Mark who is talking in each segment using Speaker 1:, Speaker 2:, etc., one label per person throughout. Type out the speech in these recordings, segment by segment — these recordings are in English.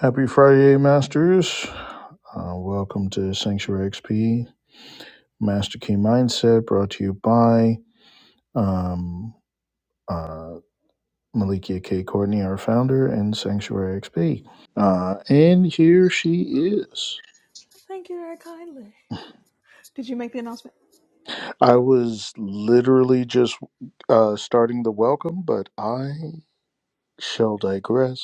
Speaker 1: Happy Friday, Masters. Uh, welcome to Sanctuary XP Master Key Mindset, brought to you by um, uh, Malikia K. Courtney, our founder, and Sanctuary XP. Uh, and here she is.
Speaker 2: Thank you very kindly. Did you make the announcement?
Speaker 1: I was literally just uh, starting the welcome, but I shall digress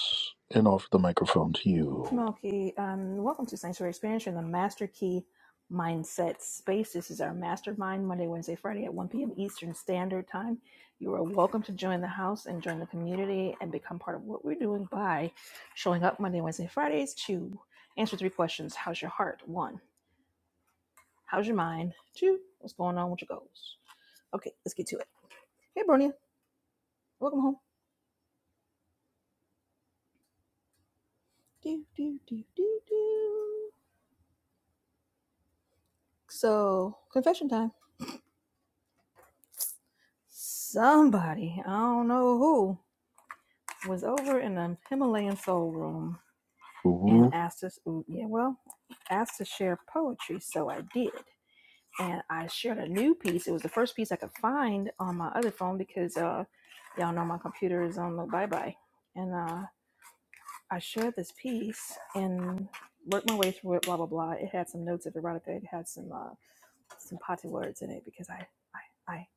Speaker 1: and offer the microphone to you.
Speaker 2: Smokey, um, welcome to Sanctuary Expansion, the Master Key Mindset Space. This is our mastermind Monday, Wednesday, Friday at 1 p.m. Eastern Standard Time. You are welcome to join the house and join the community and become part of what we're doing by showing up Monday, Wednesday, Fridays to answer three questions. How's your heart? One, how's your mind? Two, what's going on with your goals? Okay, let's get to it. Hey, Bronia, welcome home. Do, do, do, do, do. So, confession time Somebody, I don't know who, was over in the Himalayan Soul Room and
Speaker 1: Ooh,
Speaker 2: asked us, ooh, yeah, well, asked to share poetry, so I did. And I shared a new piece. It was the first piece I could find on my other phone because uh, y'all know my computer is on the bye bye. And uh, I shared this piece and worked my way through it, blah, blah, blah. It had some notes of erotica, it had some uh, some potty words in it because I, I, I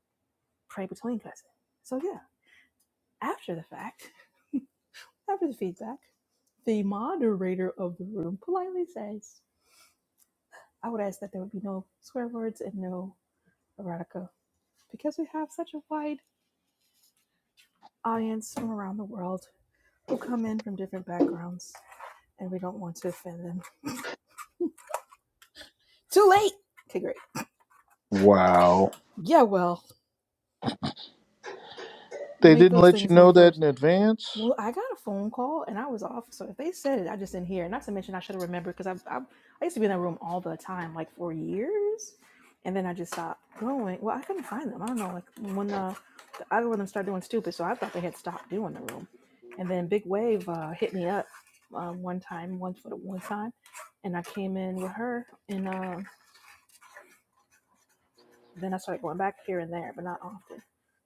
Speaker 2: pray between cousins. So yeah, after the fact, After the feedback, the moderator of the room politely says, I would ask that there would be no swear words and no erotica because we have such a wide audience from around the world who come in from different backgrounds and we don't want to offend them. Too late! Okay, great.
Speaker 1: wow.
Speaker 2: Yeah, well,
Speaker 1: They
Speaker 2: make
Speaker 1: didn't
Speaker 2: those
Speaker 1: let you
Speaker 2: things
Speaker 1: know
Speaker 2: known
Speaker 1: that
Speaker 2: first.
Speaker 1: in advance.
Speaker 2: Well, I got a phone call and I was off. So if they said it, I just didn't hear. Not to mention, I should have remembered because I, I, I used to be in that room all the time, like for years. And then I just stopped going. Well, I couldn't find them. I don't know. Like when the, the algorithm started doing stupid. So I thought they had stopped doing the room. And then Big Wave uh, hit me up uh, one time, one for the one time. And I came in with her. And uh, then I started going back here and there, but not often.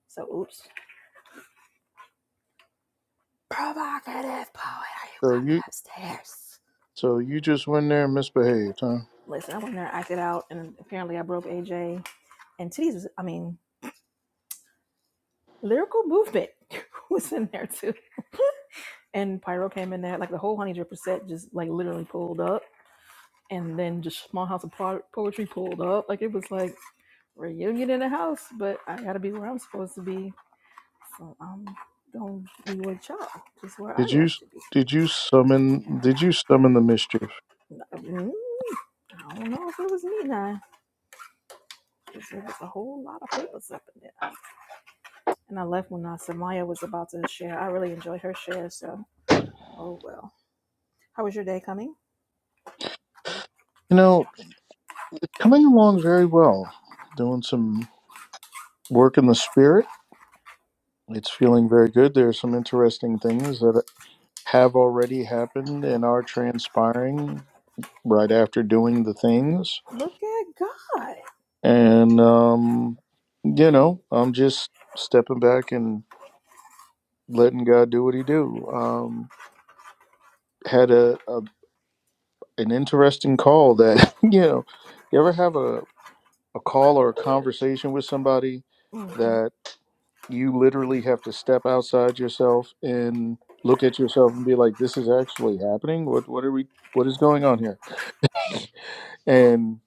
Speaker 2: So oops. Provocative poet, are you
Speaker 1: So
Speaker 2: coming
Speaker 1: you
Speaker 2: upstairs?
Speaker 1: So you just went there and misbehaved, huh?
Speaker 2: Listen, I went in there, acted out, and apparently I broke AJ. And titties was, I mean, lyrical movement was in there too. And Pyro came in there, like the whole Honey Dripper set just like literally pulled up. And then just Small House of Po- Poetry pulled up. Like it was like reunion in the house, but I gotta be where I'm supposed to be. So I'm gonna be with y'all, just where I
Speaker 1: Did
Speaker 2: love
Speaker 1: you
Speaker 2: to be.
Speaker 1: did you summon did you summon the mischief?
Speaker 2: Mm, I don't know if it was me now, 'cause there was a whole lot of papers up in And I left when uh, Samaya was about to share. I really enjoyed her share, so oh well. How was your day coming?
Speaker 1: You know, it's coming along very well. Doing some work in the spirit. It's feeling very good. There are some interesting things that have already happened and are transpiring right after doing the things.
Speaker 2: Look at God.
Speaker 1: And um, you know, I'm just stepping back and letting God do what he do. Um had a, a an interesting call that you know you ever have a, a call or a conversation with somebody
Speaker 2: hmm
Speaker 1: that you literally have to step outside yourself and look at yourself and be like this is actually happening what what are we what is going on here and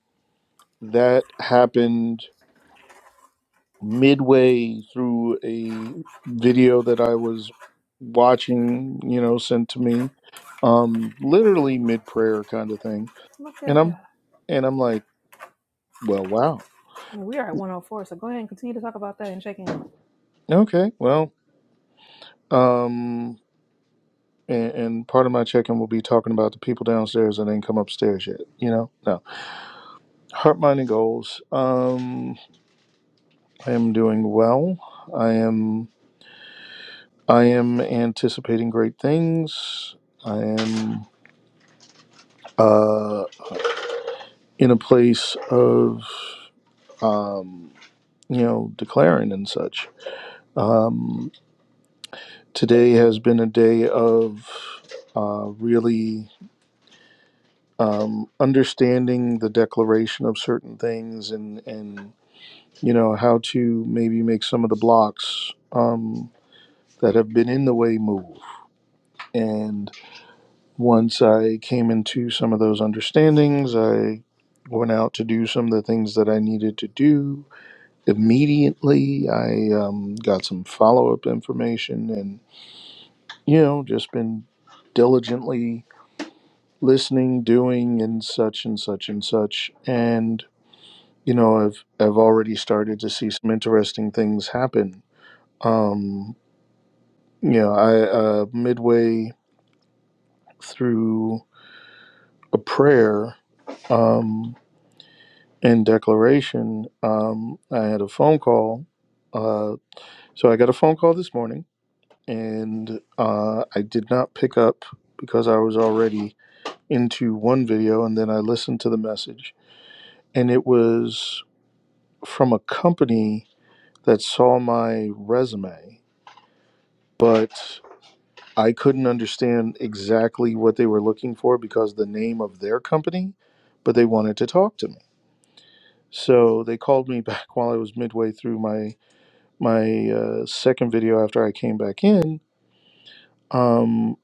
Speaker 1: that happened midway through a video that i was watching you know sent to me um literally mid prayer kind of thing
Speaker 2: Look
Speaker 1: and
Speaker 2: at God.
Speaker 1: i'm and i'm like well wow
Speaker 2: Well, we are at 104, so go ahead and continue to talk about that and check in.
Speaker 1: Okay. Well, um, and, and part of my check-in will be talking about the people downstairs that ain't come upstairs yet. You know, no heart, mind, and goals. Um, I am doing well. I am. I am anticipating great things. I am uh, in a place of um, you know declaring and such. Um, today has been a day of uh, really. um, understanding the declaration of certain things and and you know how to maybe make some of the blocks um, that have been in the way move and once i came into some of those understandings i went out to do some of the things that i needed to do immediately i um, got some follow-up information and you know just been diligently listening doing and such and such and such and you know i've i've already started to see some interesting things happen um you know i uh midway through a prayer um and declaration um i had a phone call uh so i got a phone call this morning and uh i did not pick up because i was already into one video and then i listened to the message and it was from a company that saw my resume but I couldn't understand exactly what they were looking for because the name of their company, but they wanted to talk to me. So they called me back while I was midway through my my uh, second video after I came back in. Um,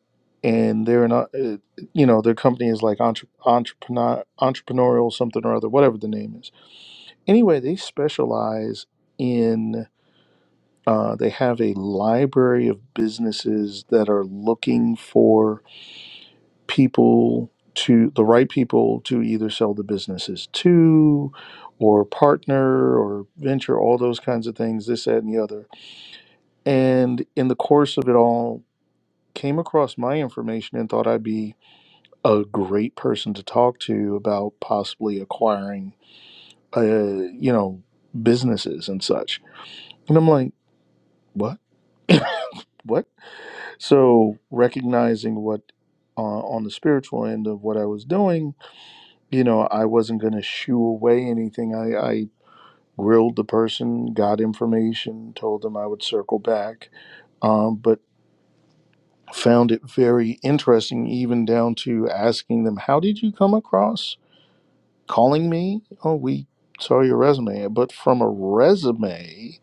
Speaker 1: and they're not, uh, you know, their company is like entre- entrepreneur, entrepreneurial something or other, whatever the name is. Anyway, they specialize in. Uh, they have a library of businesses that are looking for people to the right people to either sell the businesses to or partner or venture all those kinds of things this that and the other and in the course of it all came across my information and thought i'd be a great person to talk to about possibly acquiring uh, you know businesses and such and i'm like what what so recognizing what uh, on the spiritual end of what i was doing you know, I wasn't going to shoo away anything. I, I grilled the person, got information, told them I would circle back, um, but found it very interesting, even down to asking them, How did you come across calling me? Oh, we saw your resume. But from a resume,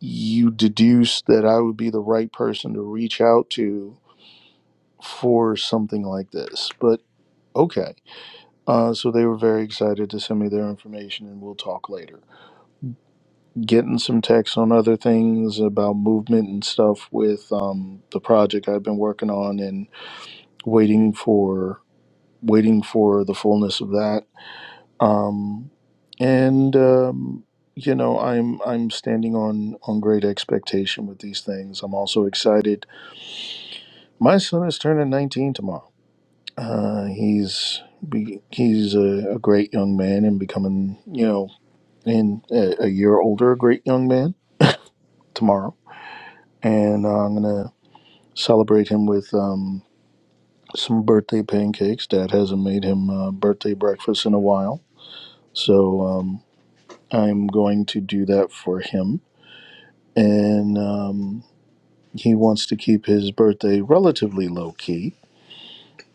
Speaker 1: you deduced that I would be the right person to reach out to for something like this. But okay. Uh, so they were very excited to send me their information, and we'll talk later getting some texts on other things about movement and stuff with um, the project I've been working on and waiting for waiting for the fullness of that. Um, and um, you know, I'm I'm standing on on great expectation with these things. I'm also excited. My son is turning 19 tomorrow. Uh, he's be, he's a, a great young man and becoming you know in a, a year older, a great young man tomorrow and uh, I'm gonna Celebrate him with um, some birthday pancakes. Dad hasn't made him uh, birthday breakfast in a while, so um, I'm going to do that for him. And um, he wants to keep his birthday relatively low key,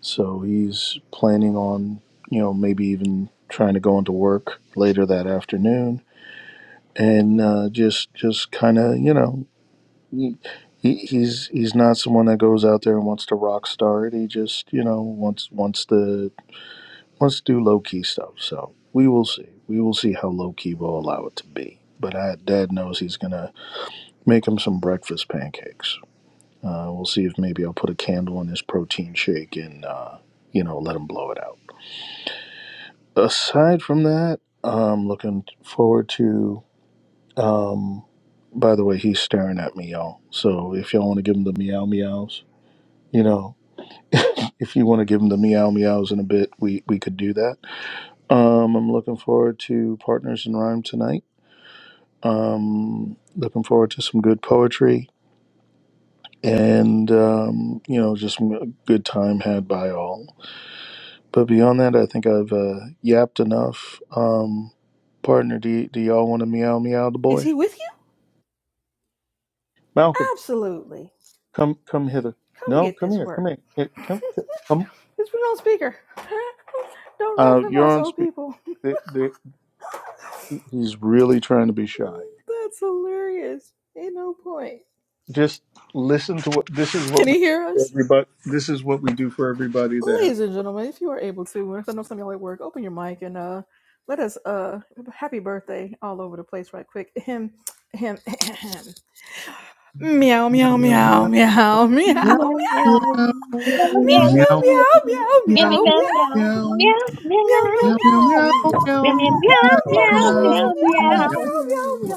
Speaker 1: so he's planning on, you know, maybe even trying to go into work later that afternoon, and uh, just just kind of, you know. He, he's he's not someone that goes out there and wants to rock star it. He just you know wants wants to let's do low key stuff. So we will see. We will see how low key we'll allow it to be. But I, Dad knows he's gonna make him some breakfast pancakes. Uh, we'll see if maybe I'll put a candle in his protein shake and uh, you know let him blow it out. Aside from that, I'm looking forward to. Um, by the way, he's staring at me, y'all. So if y'all want to give him the meow meows, you know, if you want to give him the meow meows in a bit, we we could do that Um, I'm looking forward to Partners in Rhyme tonight. Um, looking forward to some good poetry and, um, you know, just a good time had by all. But beyond that, I think I've uh, yapped enough. Um, partner, do, y- do y'all want to meow meow the
Speaker 2: Is
Speaker 1: boy?
Speaker 2: he with
Speaker 1: Malcolm,
Speaker 2: you? Absolutely.
Speaker 1: come come hither.
Speaker 2: Come
Speaker 1: No,
Speaker 2: get
Speaker 1: come
Speaker 2: this
Speaker 1: here, come
Speaker 2: work.
Speaker 1: here. here
Speaker 2: it's
Speaker 1: come, come.
Speaker 2: been on speaker. Don't run
Speaker 1: Uh,
Speaker 2: from
Speaker 1: you're
Speaker 2: us,
Speaker 1: on
Speaker 2: oh
Speaker 1: speak.
Speaker 2: people.
Speaker 1: They, they, he's really trying to be shy.
Speaker 2: Mm, That's hilarious. Ain't no point.
Speaker 1: just listen to what this is what
Speaker 2: Can
Speaker 1: we
Speaker 2: he hear
Speaker 1: for
Speaker 2: us?
Speaker 1: everybody this is what we do for everybody that has meow meow meow
Speaker 3: Meow,
Speaker 1: meow
Speaker 3: meow, meow,
Speaker 4: So I
Speaker 3: meow,
Speaker 4: was
Speaker 3: meow,
Speaker 1: meow meow
Speaker 3: meow, meow, meow,
Speaker 1: meow meow
Speaker 3: meow, meow,
Speaker 1: meow meow meow meow
Speaker 3: meow, meow, meow,
Speaker 1: meow meow meow
Speaker 3: meow,
Speaker 4: here with
Speaker 1: meow,
Speaker 4: the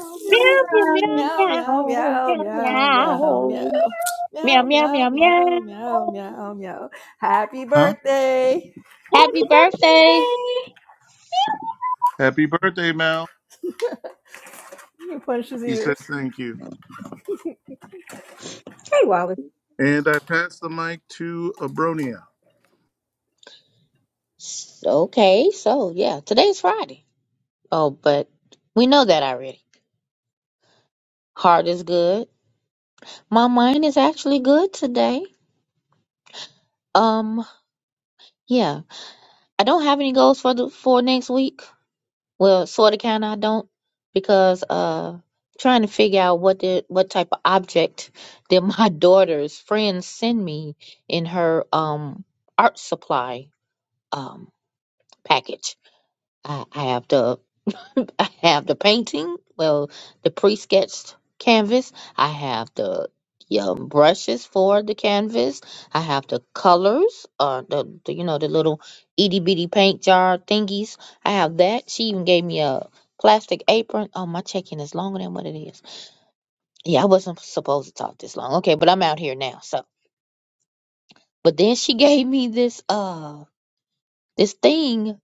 Speaker 3: meow, meow, meow, meow, meow,
Speaker 4: um,
Speaker 3: meow, meow, meow, meow. meow
Speaker 1: huh
Speaker 3: Happy
Speaker 4: Happy
Speaker 3: birthday!
Speaker 4: birthday!
Speaker 1: happy birthday mal he said thank you
Speaker 4: Hey, Wallace.
Speaker 1: and i pass the mic to abronia
Speaker 3: S- Okay, so yeah, today's Friday. Oh, but we know that already. Heart is good. My mind is actually good today. Um, yeah, I don't have any goals for the for next week Well, sort of, kind of, I don't, because uh, trying to figure out what the what type of object that my daughter's friends send me in her um art supply um package. I, I have to I have the painting, well, the pre-sketched canvas. I have the um, brushes for the canvas. I have the colors, uh, the, the you know the little itty bitty paint jar thingies. I have that. She even gave me a plastic apron. Oh, my check-in is longer than what it is. Yeah, I wasn't supposed to talk this long. Okay, but I'm out here now. So, but then she gave me this uh this thing,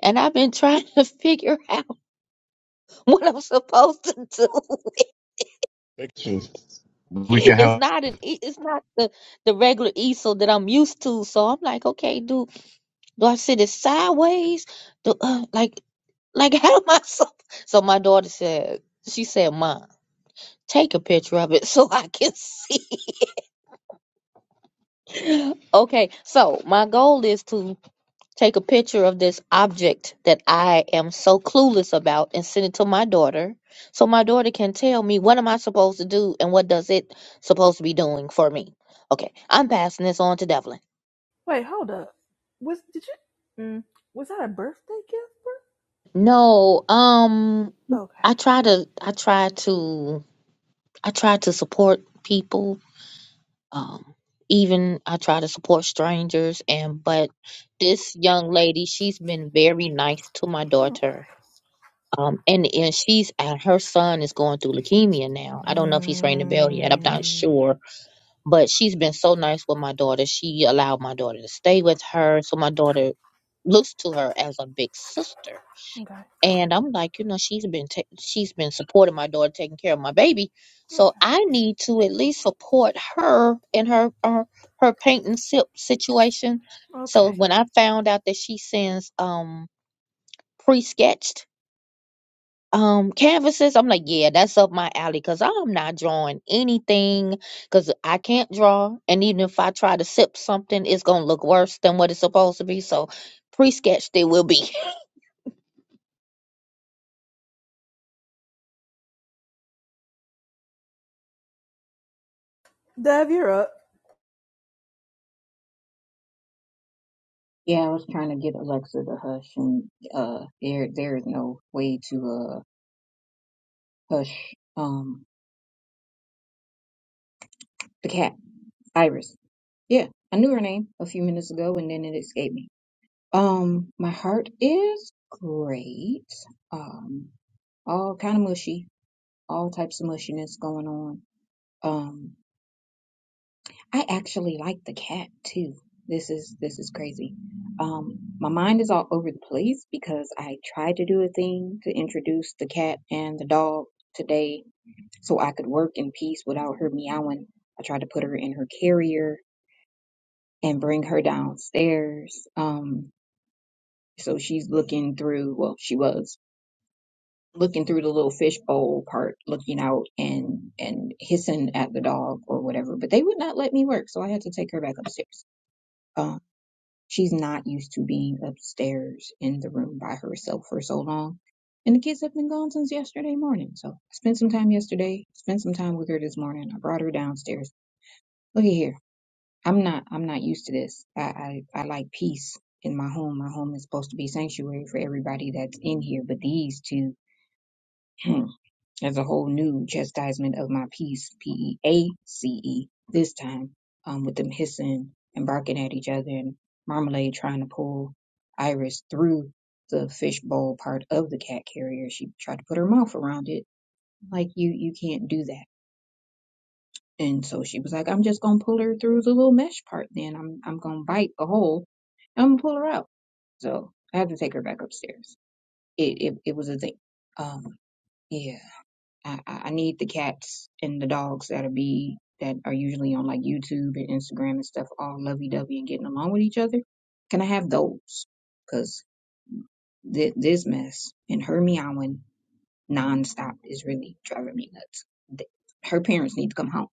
Speaker 3: and I've been trying to figure out what I'm supposed to do.
Speaker 5: They- can- We can
Speaker 3: it's
Speaker 5: have
Speaker 3: not an E- it's not the the regular easel that I'm used to. So I'm like, okay, do do I sit it sideways? Do uh, like like how am I so? So my daughter said, she said, "Mom, take a picture of it so I can see." okay, so my goal is to take a picture of this object that I am so clueless about and send it to my daughter so my daughter can tell me what am I supposed to do and what does it supposed to be doing for me. Okay, I'm passing this on to Devlin.
Speaker 2: Wait, hold up. Was did you? Mm, was that a birthday gift?
Speaker 3: No, um
Speaker 2: Bro?
Speaker 3: I
Speaker 2: Okay.
Speaker 3: try to I try to I try to support people. Um even I try to support strangers and but this young lady, she's been very nice to my daughter
Speaker 2: Okay.
Speaker 3: Um, and and she's and her son is going through leukemia now. I don't know if he's rang the bell yet. I'm not
Speaker 2: Mm,
Speaker 3: sure, but she's been so nice with my daughter. She allowed my daughter to stay with her, so my daughter looks to her as a big sister.
Speaker 2: okay.
Speaker 3: And I'm like, you know, she's been ta- she's been supporting my daughter, taking care of my baby, so
Speaker 2: Okay.
Speaker 3: I need to at least support her in her her, her paint and situation. So
Speaker 2: Okay.
Speaker 3: when I found out that she sends um pre-sketched um canvases i'm like yeah that's up my alley because i'm not drawing anything because i can't draw and even if i try to sip something it's gonna look worse than what it's supposed to be so pre-sketched it will be
Speaker 2: Dev, you're up.
Speaker 4: Yeah, I was trying to get Alexa to hush, and uh, there there is no way to uh hush um the cat, Iris. Yeah, I knew her name a few minutes ago, and then it escaped me. Um, my heart is great. Um, all kind of mushy, all types of mushiness going on. Um, I actually like the cat too. This is this is crazy. Um, my mind is all over the place because I tried to do a thing to introduce the cat and the dog today so I could work in peace without her meowing. I tried to put her in her carrier and bring her downstairs. Um, so she's looking through, well, she was looking through the little fishbowl part, looking out and and hissing at the dog or whatever, but they would not let me work, so I had to take her back upstairs Um, She's not used to being upstairs in the room by herself for so long. And the kids have been gone since yesterday morning. So I spent some time yesterday, spent some time with her this morning. I brought her downstairs. Look at here. I'm not I'm not used to this. I, I, I like peace in my home. My home is supposed to be sanctuary for everybody that's in here, but these two as a whole new chastisement of my peace, P E A C E, this time, um, with them hissing and barking at each other and Marmalade trying to pull Iris through the fishbowl part of the cat carrier. She tried to put her mouth around it. Like you you can't do that. And so she was like, I'm just gonna pull her through the little mesh part then. I'm I'm gonna bite a hole and I'm gonna pull her out. So I had to take her back upstairs. It it, it was a thing. Um yeah. I, I I need the cats and the dogs that'll be that are usually on like YouTube and Instagram and stuff, all lovey dovey and getting along with each other. Can I have those? Because th- this mess and her meowing nonstop is really driving me nuts. Th- her parents need to come home.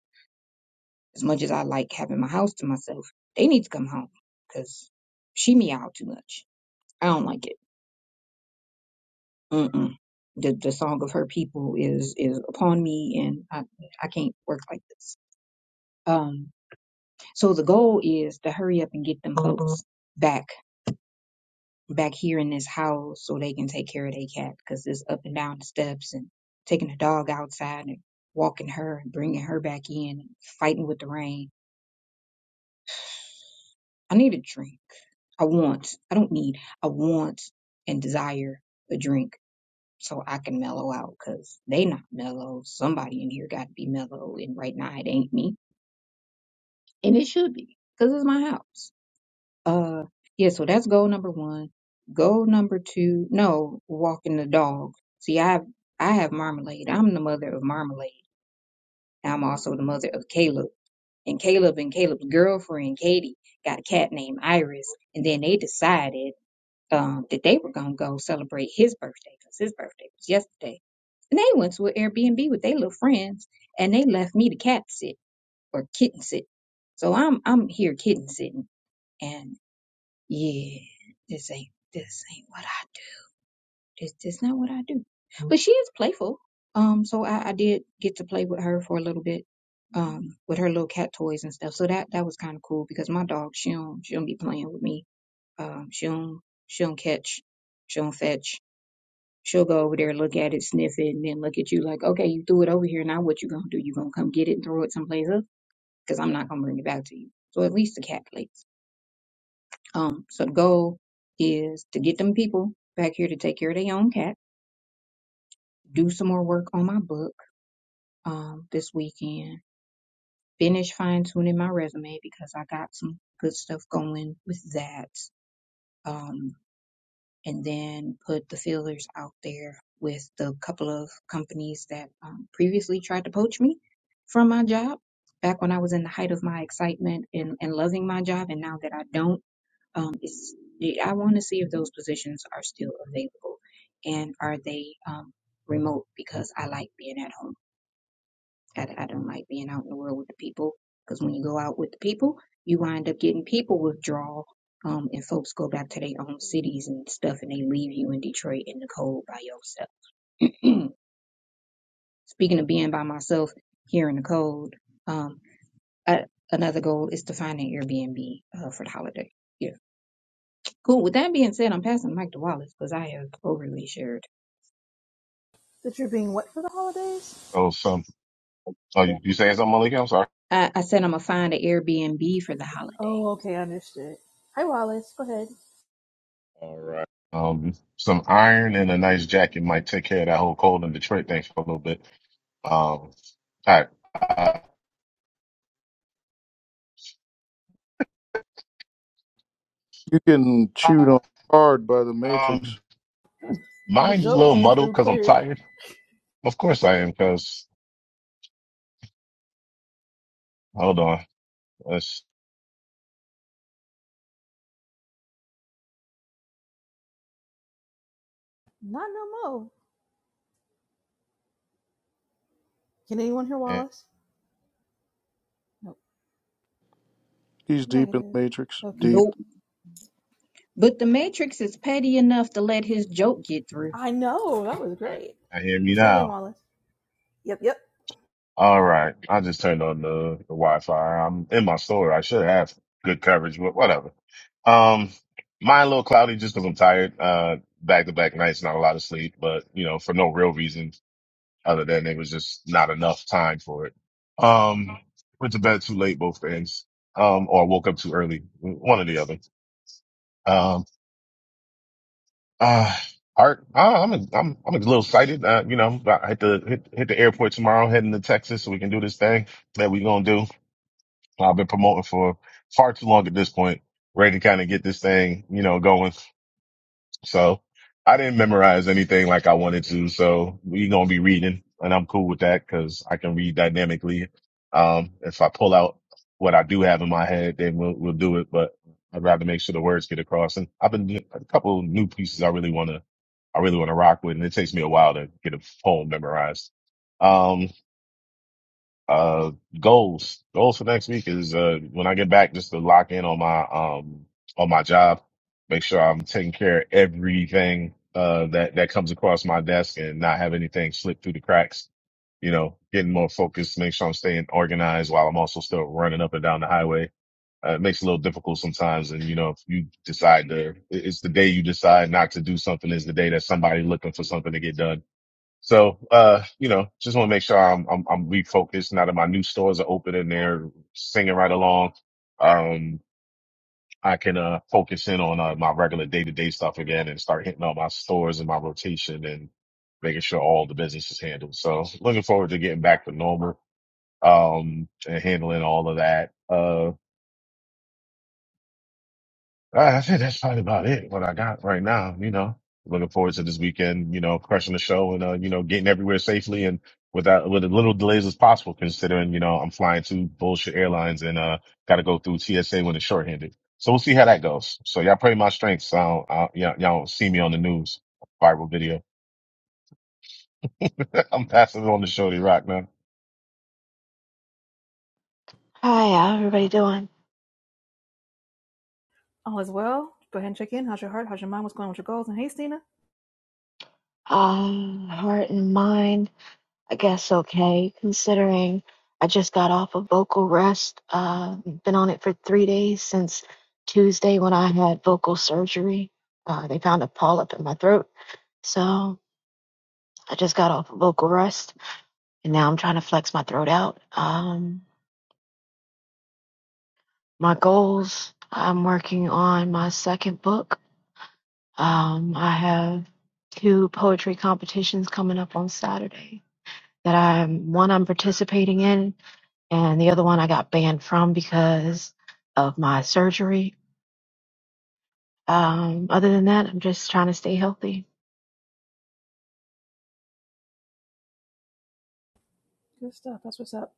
Speaker 4: As much as I like having my house to myself, they need to come home because she meowed too much. I don't like it. Mm-mm. The the song of her people is is upon me, and I I can't work like this. Um, So the goal is to hurry up and get them folks back back here in this house so they can take care of their cat because it's up and down the steps and taking the dog outside and walking her and bringing her back in and fighting with the rain. I need a drink. I want. I don't need. I want and desire a drink so I can mellow out because they not mellow. Somebody in here got to be mellow and right now it ain't me and it should be because it's my house. Uh, yeah, so that's goal number one. Goal number two, no, walking the dog. See, I have, I have Marmalade. I'm the mother of Marmalade. I'm also the mother of Caleb. And Caleb and Caleb's girlfriend, Katie, got a cat named Iris. And then they decided um, that they were going to go celebrate his birthday because his birthday was yesterday. And they went to an Airbnb with their little friends and they left me to cat sit or kitten sit. So I'm I'm here kitten sitting yeah, this ain't this ain't what I do. This this not what I do. But she is playful. Um, so I, I did get to play with her for a little bit, um, with her little cat toys and stuff. So that that was kind of cool because my dog she don't she don't be playing with me. Um, she don't she don't catch, she don't fetch. She'll go over there, look at it, sniff it, and then look at you like, okay, you threw it over here. Now what you gonna do? You gonna come get it and throw it someplace else? Because I'm not gonna bring it back to you. So at least the cat plays. Um, so the goal is to get them people back here to take care of their own cat, do some more work on my book um, this weekend, finish fine tuning my resume because I got some good stuff going with that, um, and then put the feelers out there with the couple of companies that um, previously tried to poach me from my job back when I was in the height of my excitement and, and loving my job, and now that I don't. Um, it's, I want to see if those positions are still available and are they um, remote because I like being at home. I, I don't like being out in the world with the people because when you go out with the people, you wind up getting people withdrawal um, and folks go back to their own cities and stuff and they leave you in Detroit in the cold by yourself. Speaking of being by myself here in the cold, um, I, another goal is to find an Airbnb uh, for the holiday Cool. With that being said, I'm passing the mic to Wallace because I have overly shared.
Speaker 2: That you're being wet for the holidays?
Speaker 5: oh some oh you, you saying something Malik? I'm sorry.
Speaker 4: I, I said I'm gonna find an Airbnb for the holiday.
Speaker 2: Oh, okay, understood. Hi, Wallace. Go ahead.
Speaker 5: All right. Um, some iron and a nice jacket might take care of that whole cold in Detroit thing for a little bit. Um, all right.
Speaker 1: you getting
Speaker 5: Uh,
Speaker 1: chewed on hard by the
Speaker 5: um,
Speaker 1: matrix
Speaker 2: The
Speaker 5: mine is a
Speaker 2: joke
Speaker 5: little
Speaker 2: came
Speaker 5: muddled
Speaker 2: through
Speaker 5: because I'm
Speaker 2: clear.
Speaker 5: tired. Of course I am. Because hold on, let's.
Speaker 2: Not no more. Can anyone hear
Speaker 5: I,
Speaker 2: Wallace? Nope.
Speaker 1: he's deep in
Speaker 2: Negative.
Speaker 1: the matrix
Speaker 2: Okay.
Speaker 1: deep
Speaker 4: Nope. But the Matrix is petty enough to let his joke get through.
Speaker 2: I know. That was
Speaker 5: All
Speaker 2: great.
Speaker 5: right. hear me
Speaker 2: Try
Speaker 5: now.
Speaker 2: again, Wallace. Yep, yep.
Speaker 5: All right. I just turned on the, the Wi-Fi. I'm in my store. I should have good coverage, but whatever. Um, mine a little cloudy just 'cause I'm tired. Uh, back to back nights, not a lot of sleep, but you know, for no real reason other than it was just not enough time for it. Um, went to bed too late, both ends. Um, or woke up too early, one or the other. Um, uh, Art, uh, I'm I'm I'm a little excited. Uh, you know, I hit the hit, hit the airport tomorrow, heading to Texas, so we can do this thing that we gonna do. I've been promoting for far too long at this point, ready to kind of get this thing, you know, going. So I didn't memorize anything like I wanted to. So we're going to be reading and I'm cool with that because I can read dynamically. Um, if I pull out what I do have in my head, then we'll, we'll do it, but I'd rather make sure the words get across. And I've been doing a couple of new pieces I really want to, I really want to rock with. And it takes me a while to get a poem memorized. Um, uh, goals, goals for next week is, uh, when I get back, just to lock in on my, um, on my job, make sure I'm taking care of everything, uh, that, that comes across my desk and not have anything slip through the cracks. You know, getting more focused, make sure I'm staying organized while I'm also still running up and down the highway. Uh, it makes it a little difficult sometimes. And, you know, if you decide to, it- it's the day you decide not to do something is the day that somebody looking for something to get done so, uh, you know, just want to make sure I'm, I'm, I'm refocused now that my new stores are open and they're singing right along. Um, I can, uh, focus in on, uh, my regular day to day stuff again and start hitting all my stores and my rotation and making sure all the business is handled. So looking forward to getting back to normal, um, and handling all of that. uh. All right, I think that's probably about it. What I got right now, you know, looking forward to this weekend. You know, crushing the show and uh, you know, getting everywhere safely and without with as little delays as possible. Considering you know I'm flying two bullshit airlines and uh got to go through TSA when it's shorthanded. So we'll see how that goes. So y'all pray my strength. So I don't, I, y'all, y'all don't see me on the news viral video. I'm passing it on to Shorty Rock now.
Speaker 6: Hi, how everybody doing?
Speaker 2: All is well. Go ahead and check in. How's your heart? How's your mind? What's going on with your goals? And hey, Stina.
Speaker 6: Um, heart and mind, I guess okay, considering I just got off of vocal rest. Uh, been on it for three days since Tuesday when I had vocal surgery. Uh, they found a polyp in my throat, so I just got off of vocal rest, and now I'm trying to flex my throat out. Um, my goals, I'm working on my second book. Um, I have two poetry competitions coming up on Saturday that I'm one I'm participating in, and the other one I got banned from because of my surgery. Um, other than that, I'm just trying to stay healthy.
Speaker 2: Good stuff. That's what's up.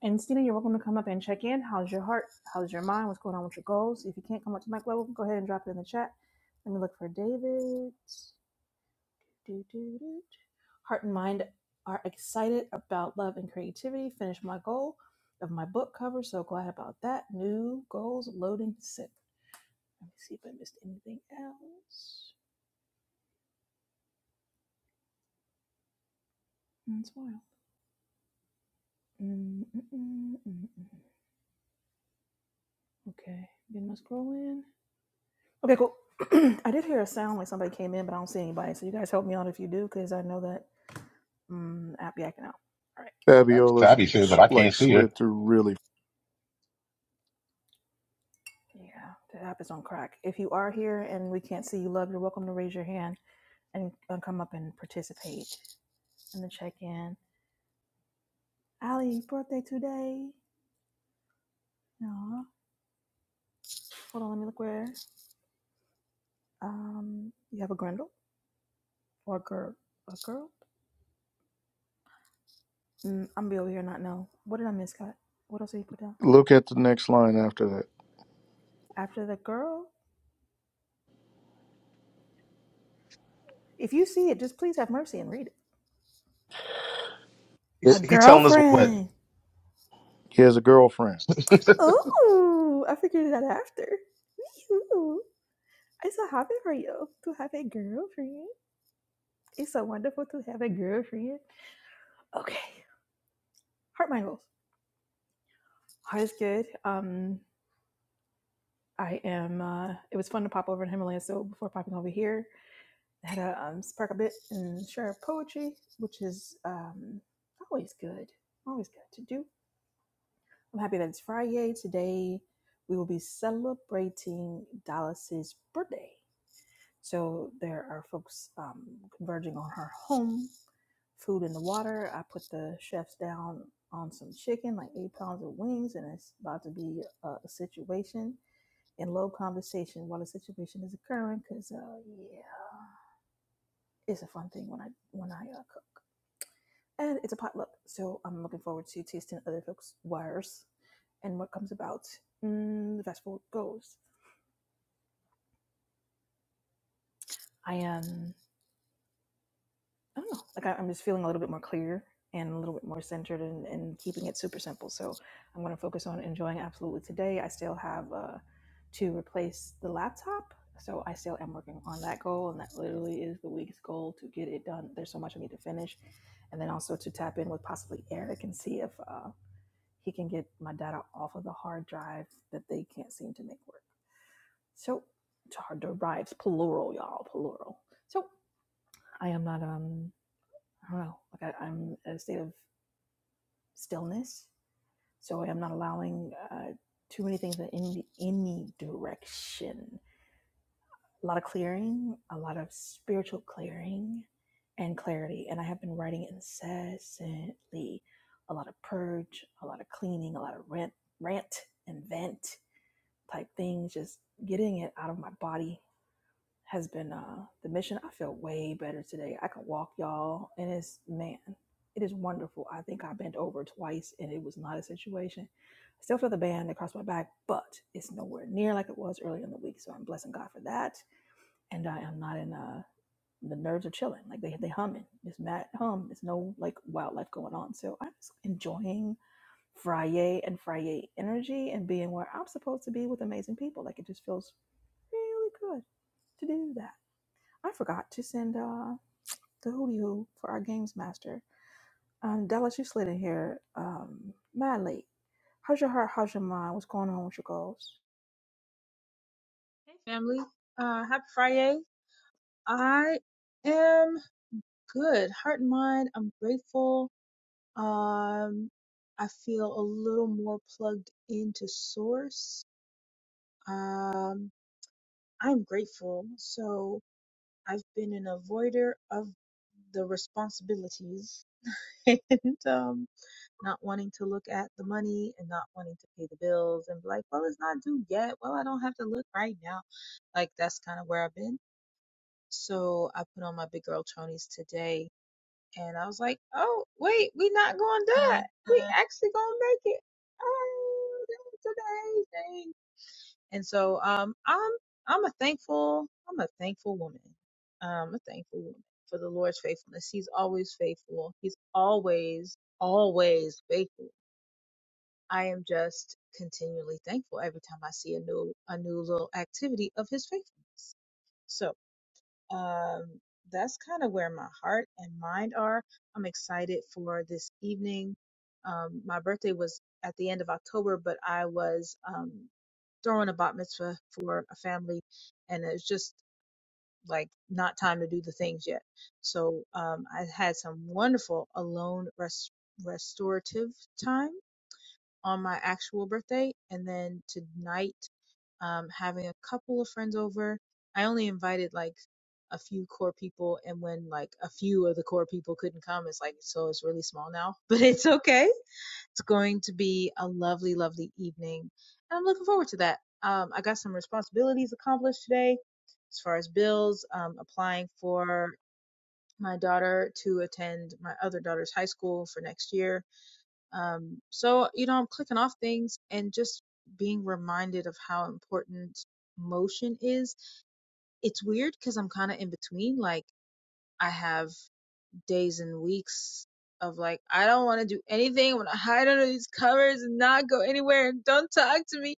Speaker 2: And Stina, you're welcome to come up and check in. How's your heart? How's your mind? What's going on with your goals? If you can't come up to mic level, go ahead and drop it in the chat. Let me look for David. Do, do, do. Heart and mind are excited about love and creativity. Finished my goal of my book cover. So glad about that. New goals loading set. Let me see if I missed anything else. That's wild. Mm, mm, mm, mm, mm. Okay, getting my scroll in. Okay, cool. I did hear a sound like somebody came in, but I don't see anybody. So you guys help me out if you do, because I know that mm, app yakking out. All right.
Speaker 5: Absolutely.
Speaker 1: fabiola's
Speaker 5: Savvy shit, but
Speaker 1: s-
Speaker 5: I can't
Speaker 1: like
Speaker 5: see her.
Speaker 1: slid through really
Speaker 2: Yeah, the app is on crack. If you are here and we can't see you, love, you're welcome to raise your hand and uh, come up and participate in the check in. Ali's birthday today. No, hold on. Let me look where. Um, you have a grendel or a girl? A girl? Mm, I'm gonna be over here and not know. What did I miss, Scott? What else did you put down
Speaker 1: Look at the next line after that.
Speaker 2: after the girl? If you see it, just please have mercy and read it.
Speaker 5: He's,
Speaker 2: A
Speaker 1: It-
Speaker 5: he's telling us what?
Speaker 2: girlfriend.
Speaker 1: He has a girlfriend.
Speaker 2: Oh, I figured it out after. Ooh, I'm so happy for you to have a girlfriend. It's so wonderful to have a girlfriend. Okay, heart mind goals. Heart is good. Um, I am. Uh, it was fun to pop over in Himalaya. So before popping over here, I had to um, spark a bit and share poetry, which is um, always good. Always good to do. I'm happy that it's Friday today. We will be celebrating Dallas's birthday. So there are folks um, converging on her home, food in the water. I put the chefs down on some chicken, like eight pounds of wings, and it's about to be a, a situation. In low conversation, while the situation is occurring, because uh, yeah, it's a fun thing when I when I uh, cook, and it's a potluck. So I'm looking forward to tasting other folks' wires and what comes about. Mm, the fast forward goes. I am. I don't know. Like I, I'm just feeling a little bit more clear and a little bit more centered and, and keeping it super simple. So I'm going to focus on enjoying absolutely today. I still have uh, to replace the laptop. So I still am working on that goal. And that literally is the week's goal to get it done. There's so much I need to finish. And then also to tap in with possibly Eric and see if uh, he can get my data off of the hard drive that they can't seem to make work. So hard drives, plural, y'all, plural. So I am not um I don't know, like I, I'm at a state of stillness. So I'm not allowing uh, too many things in any, any direction. A lot of clearing, a lot of spiritual clearing and clarity. And I have been writing incessantly a lot of purge, a lot of cleaning, a lot of rant, rant and vent type things, just getting it out of my body has been uh, the mission. I feel way better today. I can walk, y'all, and it's man, it is wonderful. I think I bent over twice, and it was not a situation. I still feel the band across my back, but it's nowhere near like it was earlier in the week. So I'm blessing God for that, and I am not in uh the nerves are chilling, like they they humming. It's mad hum. It's no like wildlife going on. So I'm just enjoying Friday and Friday energy and being where I'm supposed to be with amazing people. Like it just feels really good to do that. I forgot to send uh, the hooty hoo for our games master. Um, Dallas, you slid in here um, mad late. How's your heart? How's your mind? What's going on with your goals?
Speaker 7: Hey family, uh, happy Friday. I am good, heart and mind. I'm grateful. Um, I feel a little more plugged into source. Um, I'm grateful. So I've been an avoider of the responsibilities and um, not wanting to look at the money and not wanting to pay the bills and be like, well, it's not due yet. Well, I don't have to look right now. Like that's kind of where I've been So I put on my big girl chonies today and I was like, oh, wait, we not going to die. We actually going to make it. Oh, today thing. And so, um, I'm, I'm a thankful, I'm a thankful woman. I'm a thankful woman for the Lord's faithfulness. He's always faithful. He's always, always faithful. I am just continually thankful every time I see a new, a new little activity of his faithfulness. So um, that's kind of where my heart and mind are. I'm excited for this evening. Um, my birthday was at the end of October, but I was um, throwing a bat mitzvah for a family, and it's just like not time to do the things yet. So um, I had some wonderful alone rest restorative time on my actual birthday, and then tonight um, having a couple of friends over. I only invited like a few core people, and when like a few of the core people couldn't come, it's like, so it's really small now, but it's okay. It's going to be a lovely, lovely evening, and I'm looking forward to that. Um, I got some responsibilities accomplished today as far as bills, um, applying for my daughter to attend my other daughter's high school for next year um, so, you know, I'm clicking off things and just being reminded of how important motion is. It's weird because I'm kind of in between. Like, I have days and weeks of like, I don't want to do anything. I want to hide under these covers and not go anywhere and don't talk to me.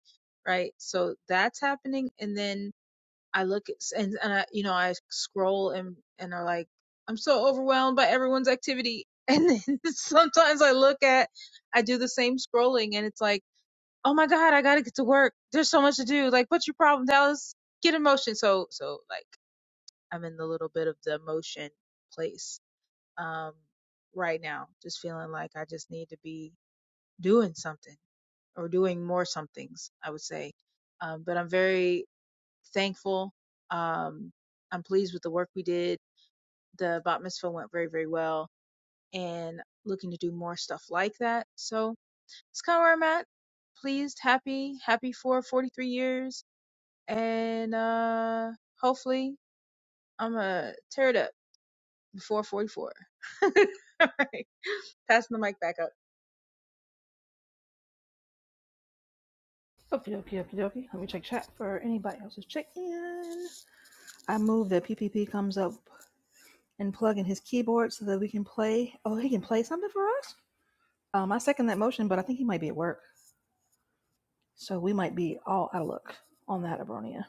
Speaker 7: Right. So that's happening. And then I look at, and, and I, you know, I scroll and, and are like, I'm so overwhelmed by everyone's activity. And then sometimes I look at, I do the same scrolling and it's like, oh my God, I got to get to work. There's so much to do. Like, what's your problem, Dallas? Get in motion. So, so like, I'm in the little bit of the motion place, um, right now, just feeling like I just need to be doing something or doing more somethings, I would say. Um, but I'm very thankful. Um, I'm pleased with the work we did. The bat mitzvah went very, very well, and looking to do more stuff like that. So it's kind of where I'm at. Pleased, happy, happy for 43 years, and uh, hopefully I'm gonna tear it up before 44. All right, passing the mic back up.
Speaker 2: Okie dokie, okie dokie. Let me check chat for anybody else's check in. I move that PPP comes up and plug in his keyboard so that we can play. Oh, he can play something for us? Um, I second that motion, but I think he might be at work. So we might be all out of luck on that, Abronia.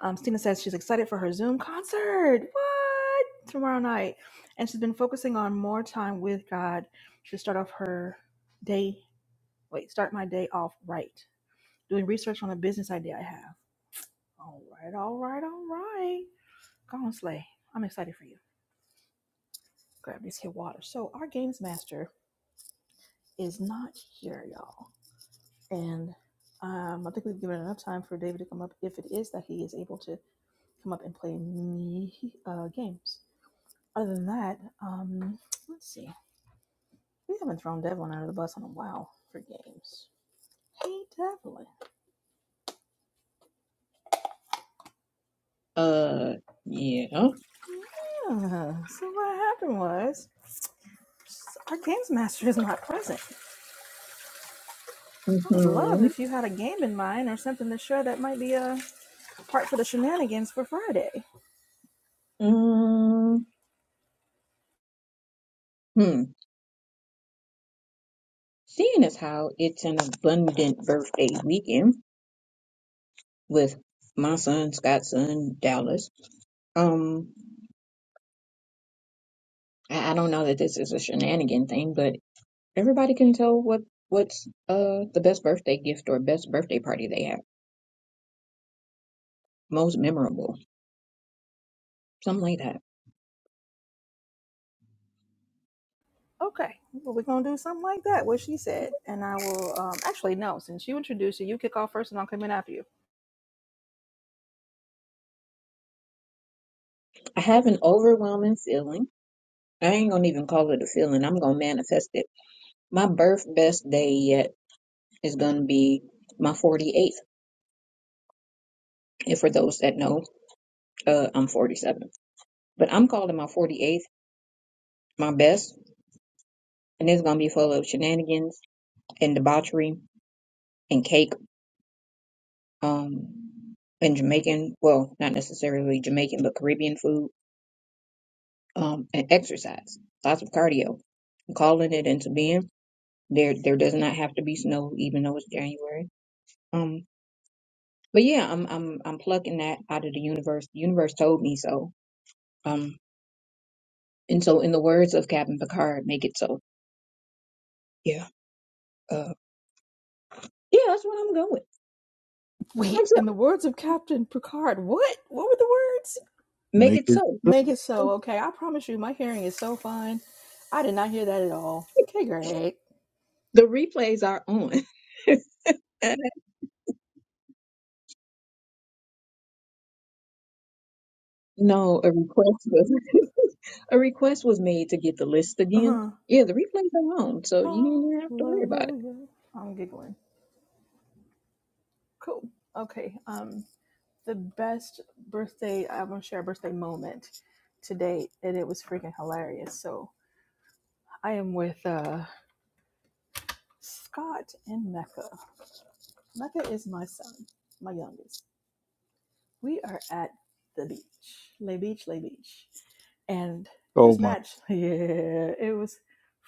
Speaker 2: Um, Stina says she's excited for her Zoom concert. What? Tomorrow night. And she's been focusing on more time with God. She'll start off her day, wait, start my day off right. Doing research on a business idea I have. All right, all right, all right. Go on, Slay. I'm excited for you. Grab this here water. So, our games master is not here, y'all. And um, I think we've given enough time for David to come up if it is that he is able to come up and play me uh, games. Other than that, um, let's see. We haven't thrown Devlin out of the bus in a while for games. Hey, Devlin.
Speaker 4: Uh, yeah.
Speaker 2: Yeah. So what happened was our games master is not present. I would love
Speaker 4: Hmm.
Speaker 2: if you had a game in mind or something to share that might be a part for the shenanigans for Friday.
Speaker 4: Um, hmm. Seeing as how it's an abundant birthday weekend with my son, Scott's son, Dallas. Um, I, I don't know that this is a shenanigan thing, but Everybody can tell what what's uh the best birthday gift or best birthday party they have, most memorable, something like that.
Speaker 2: Okay, well, we're gonna do something like that. What she said, and I will. Um, actually, no. Since you introduced it, you kick off first, and I'll come in after you.
Speaker 4: I have an overwhelming feeling. I ain't gonna even call it a feeling. I'm gonna manifest it. My birth best day yet is gonna be my 48th. And for those that know, uh, I'm 47. But I'm calling my 48th my best, and it's gonna be full of shenanigans and debauchery and cake. Um, and Jamaican, well, not necessarily Jamaican, but Caribbean food um, and exercise, lots of cardio, I'm calling it into being. There, there does not have to be snow, even though it's January. Um, but yeah, I'm, I'm, I'm plucking that out of the universe. The universe told me so. Um, and so, in the words of Captain Picard, make it so. Yeah, uh, yeah, that's what I'm going. with. Make
Speaker 2: Wait.
Speaker 4: it
Speaker 2: In
Speaker 4: so.
Speaker 2: the words of Captain Picard, what? What were the words?
Speaker 4: Make
Speaker 1: Make
Speaker 4: it
Speaker 1: it.
Speaker 4: so.
Speaker 2: Make it so, okay. I promise you, my hearing is so fine. I did not hear that at all. Okay, great.
Speaker 4: The replays are on. no, a request was a request was made to get the list again.
Speaker 2: Uh-huh.
Speaker 4: Yeah, the replays are on, so you don't have to worry about it.
Speaker 2: Hallelujah. I'm giggling. Cool. Okay. Um, the best birthday I want to share a birthday moment to date, and it was freaking hilarious. So I am with uh Scott and Mecca. Mecca is my son, my youngest. We are at the beach, Lay Beach, Lay Beach. And
Speaker 1: Oh
Speaker 2: this
Speaker 1: my.
Speaker 2: match, yeah, it was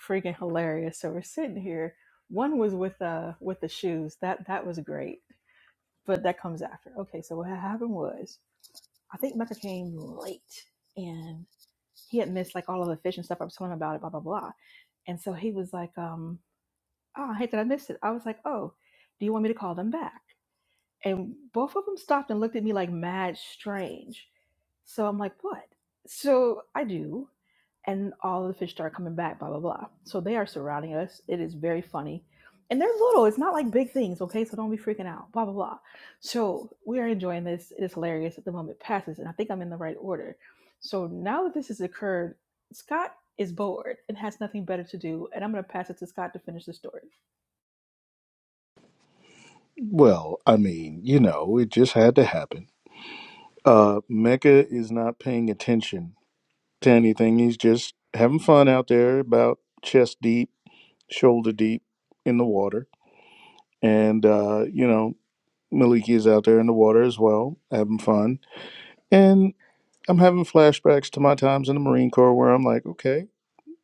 Speaker 2: freaking hilarious. So we're sitting here. One was with uh with the shoes. That that was great. But that comes after. Okay, so what happened was I think Mecca came late and he had missed like all of the fish and stuff I was telling him about it, blah blah blah. And so he was like, um, oh, I hate that I missed it. I was like, Oh, do you want me to call them back? and both of them stopped and looked at me like mad strange. So I'm like, what? So I do. And all of the fish start coming back, blah, blah, blah. So they are surrounding us. It is very funny. And they're little, it's not like big things, okay? So don't be freaking out, blah, blah, blah. So we are enjoying this. It is hilarious at the moment passes. And I think I'm in the right order. So now that this has occurred, Scott is bored and has nothing better to do. And I'm going to pass it to Scott to finish the story.
Speaker 1: Well, I mean, you know, it just had to happen. Uh, Mecca is not paying attention to anything. He's just having fun out there, about chest deep, shoulder deep in the water, and uh, you know, Maliki is out there in the water as well, having fun. And I'm having flashbacks to my times in the Marine Corps, where I'm like, okay.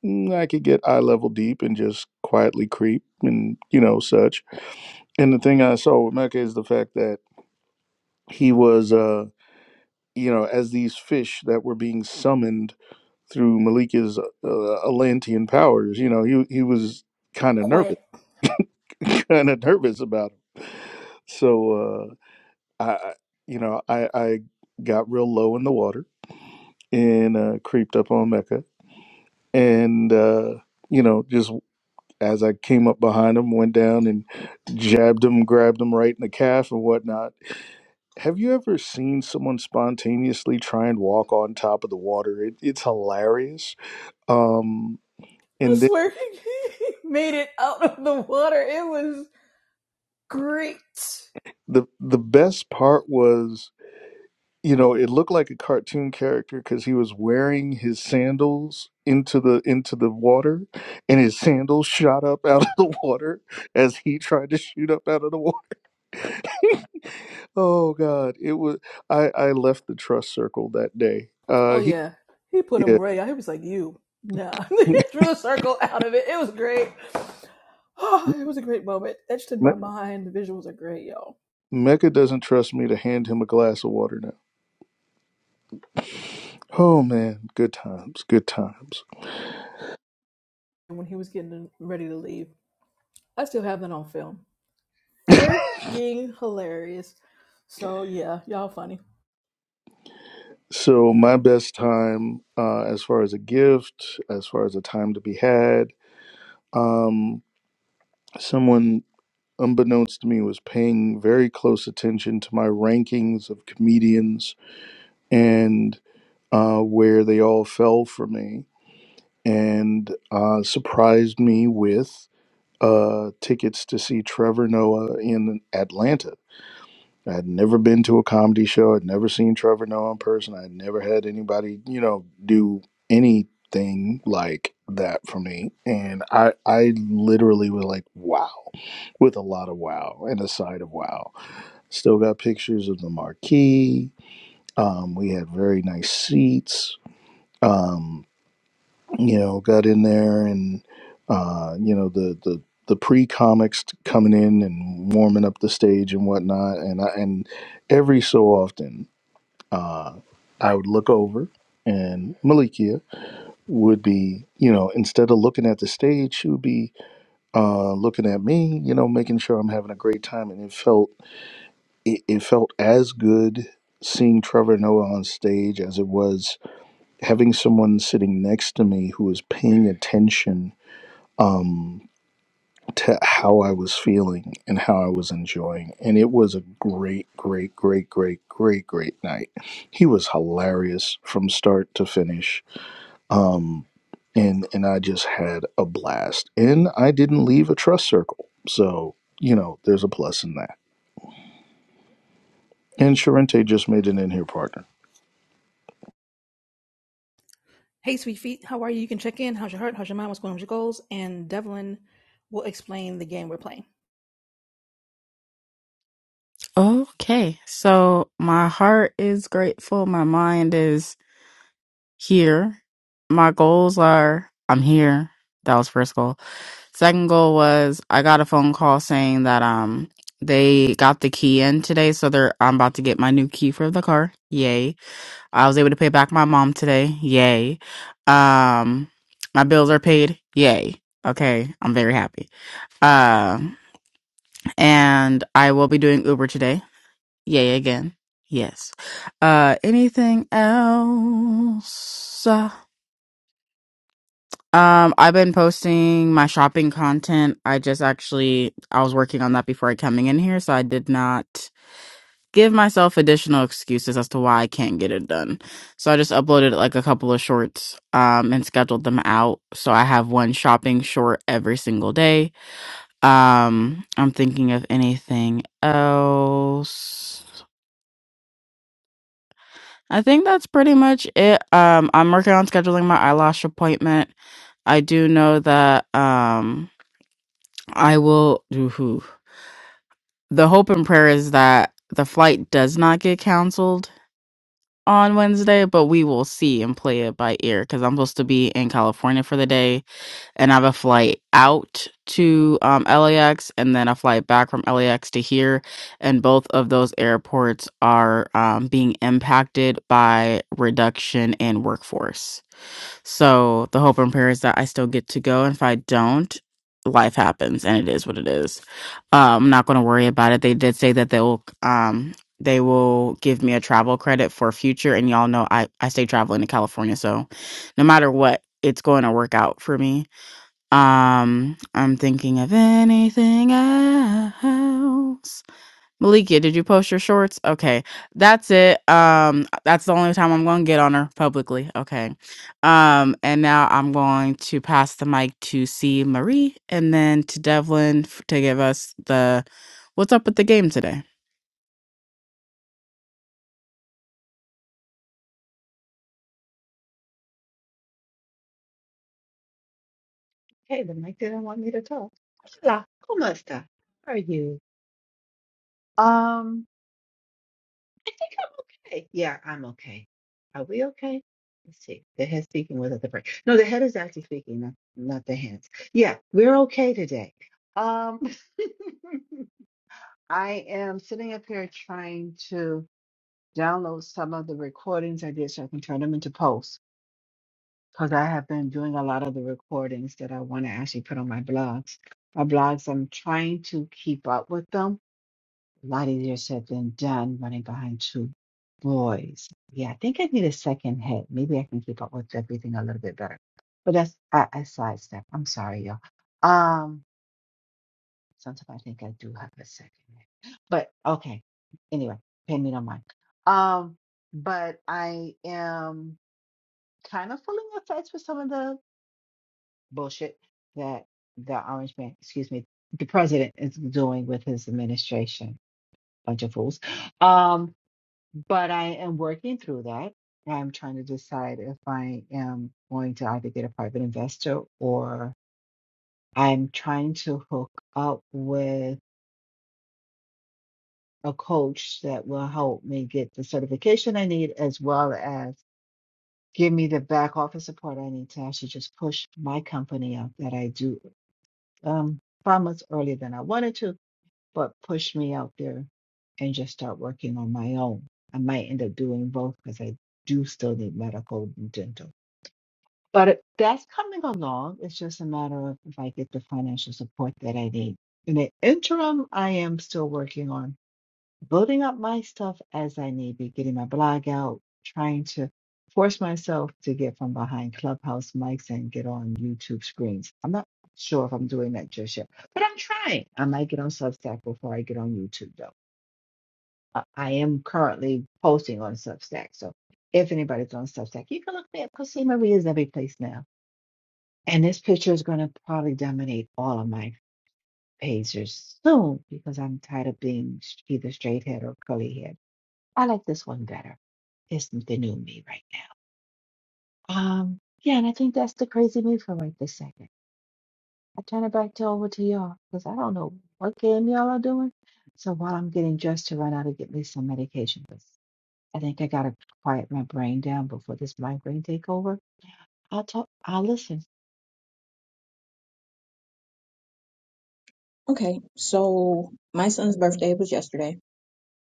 Speaker 1: mm, I could get eye level deep and just quietly creep and you know such. And the thing I saw with Mecca is the fact that he was, uh, you know, as these fish that were being summoned through Malika's uh, Atlantean powers. You know, he he was kind of nervous,
Speaker 2: Quit.
Speaker 1: kind of nervous about him. So uh, I, I- you know, I I got real low in the water and uh, creeped up on Mecca and. Uh, you know, just as I came up behind him, went down and jabbed him, grabbed him right in the calf and whatnot. Have you ever seen someone spontaneously try and walk on top of the water? It, it's hilarious. Um,
Speaker 2: I
Speaker 1: and then
Speaker 2: swear he made it out of the water. It was great.
Speaker 1: the the best part was, you know, it looked like a cartoon character because he was wearing his sandals into the into the water, and his sandals shot up out of the water as he tried to shoot up out of the water oh God, it was. I I left the trust circle that day. Uh,
Speaker 2: Oh
Speaker 1: he
Speaker 2: yeah, he put him
Speaker 1: yeah.
Speaker 2: right out. He was like, "You no," drew the circle out of it. It was great. Oh, it was a great moment, etched in
Speaker 1: Me-
Speaker 2: my mind. The visuals are great, y'all.
Speaker 1: Mecca doesn't trust me to hand him a glass of water now. Oh man, good times, good times.
Speaker 2: And when he was getting ready to leave, I still have that on film. Freaking hilarious. So yeah, y'all funny.
Speaker 1: So my best time, uh, as far as a gift, as far as a time to be had, um, someone unbeknownst to me was paying very close attention to my rankings of comedians, and uh, where they all fell for me and uh, surprised me with uh, tickets to see Trevor Noah in Atlanta. I had never been to a comedy show. I'd never seen Trevor Noah in person. I'd never had anybody, you know, do anything like that for me. And I, I literally was like, wow, with a lot of wow and a side of wow. Still got pictures of the marquee. Um, we had very nice seats. Um, you know, got in there and uh, you know the the the pre comics coming in and warming up the stage and whatnot, and I, and every so often uh, I would look over and Malikia would be, you know, instead of looking at the stage, she would be uh, looking at me, you know, making sure I'm having a great time, and it felt it, it felt as good seeing Trevor Noah on stage as it was having someone sitting next to me who was paying attention um, to how I was feeling and how I was enjoying. And it was a great, great, great, great, great, great night. He was hilarious from start to finish. Um, and, and I just had a blast. And I didn't leave a trust circle. So, you know, there's a plus in that. And Sharente just made an in here partner.
Speaker 2: Hey, sweet feet, how are you? You can check in. How's your heart? How's your mind? What's going on with your goals? And Devlin will explain the game we're playing.
Speaker 8: Okay, so my heart is grateful. My mind is here. My goals are I'm here. That was first goal. Second goal was I got a phone call saying that um they got the key in today, so they're I'm about to get my new key for the car. Yay! I was able to pay back my mom today. Yay! Um, my bills are paid. Yay! Okay, I'm very happy. Um, and I will be doing Uber today. Yay again. Yes. Uh anything else? Uh, Um I've been posting my shopping content. I just actually I was working on that before coming in here, so I did not give myself additional excuses as to why I can't get it done. So I just uploaded like a couple of shorts um and scheduled them out. So I have one shopping short every single day. Um I'm thinking of anything else. I think that's pretty much it. Um, I'm working on scheduling my eyelash appointment. I do know that um, I will. Ooh, the hope and prayer is that the flight does not get canceled on Wednesday, but we will see and play it by ear because I'm supposed to be in California for the day and I have a flight out to um, LAX and then a flight back from LAX to here. And both of those airports are um, being impacted by reduction in workforce. So the hope and prayer is that I still get to go. And if I don't, life happens and it is what it is. Uh, I'm not going to worry about it. They did say that they will, um, they will give me a travel credit for future. And y'all know I, I stay traveling to California. So no matter what, it's going to work out for me. Um, I'm thinking of anything else. Malikia, did you post your shorts? Okay, that's it. Um, that's the only time I'm going to get on her publicly. Okay, um, and now I'm going to pass the mic to C Marie and then to Devlin f- to give us the what's up with the game today.
Speaker 9: Hey, the mic didn't want me to talk. Hola, ¿cómo está? How are you? Um, I think I'm okay. Yeah, I'm okay. Are we okay? Let's see. The head speaking without the brain. No, the head is actually speaking, not, not the hands. Yeah, we're okay today. Um, I am sitting up here trying to download some of the recordings I did so I can turn them into posts. because I have been doing a lot of the recordings that I want to actually put on my blogs. My blogs, I'm trying to keep up with them. A lot easier said than done running behind two boys. Yeah, I think I need a second head. Maybe I can keep up with everything a little bit better. But that's a, a sidestep. I'm sorry, y'all. Um, sometimes I think I do have a second head. But okay. Anyway, pay me no mind. Um, but I am kind of feeling effects with some of the bullshit that the orange man, excuse me, the president is doing with his administration. Bunch of fools. Um, but I am working through that. I'm trying to decide if I am going to either get a private investor or I'm trying to hook up with a coach that will help me get the certification I need as well as give me the back office support I need to actually just push my company out that I do um, five months earlier than I wanted to but push me out there and just start working on my own. I might end up doing both because I do still need medical and dental. But it- that's coming along. It's just a matter of if I get the financial support that I need. In the interim, I am still working on building up my stuff as I need be, getting my blog out, trying to force myself to get from behind clubhouse mics and get on YouTube screens. I'm not sure if I'm doing that just yet, but I'm trying. I might get on Substack before I get on YouTube, though. Uh, I am currently posting on Substack. So if anybody's on Substack, you can look me up because C. Marie is every place now. And this picture is going to probably dominate all of my pages soon because I'm tired of being either straight head or curly head. I like this one better. It's the new me right now. Um, yeah, and I think that's the crazy me for right this second. I turn it back to over to y'all because I don't know what game y'all are doing. So while I'm getting dressed to run out and get me some medication, 'cause I think I gotta quiet my brain down before this migraine take over. I'll talk. I'll listen.
Speaker 4: Okay, so my son's birthday was yesterday.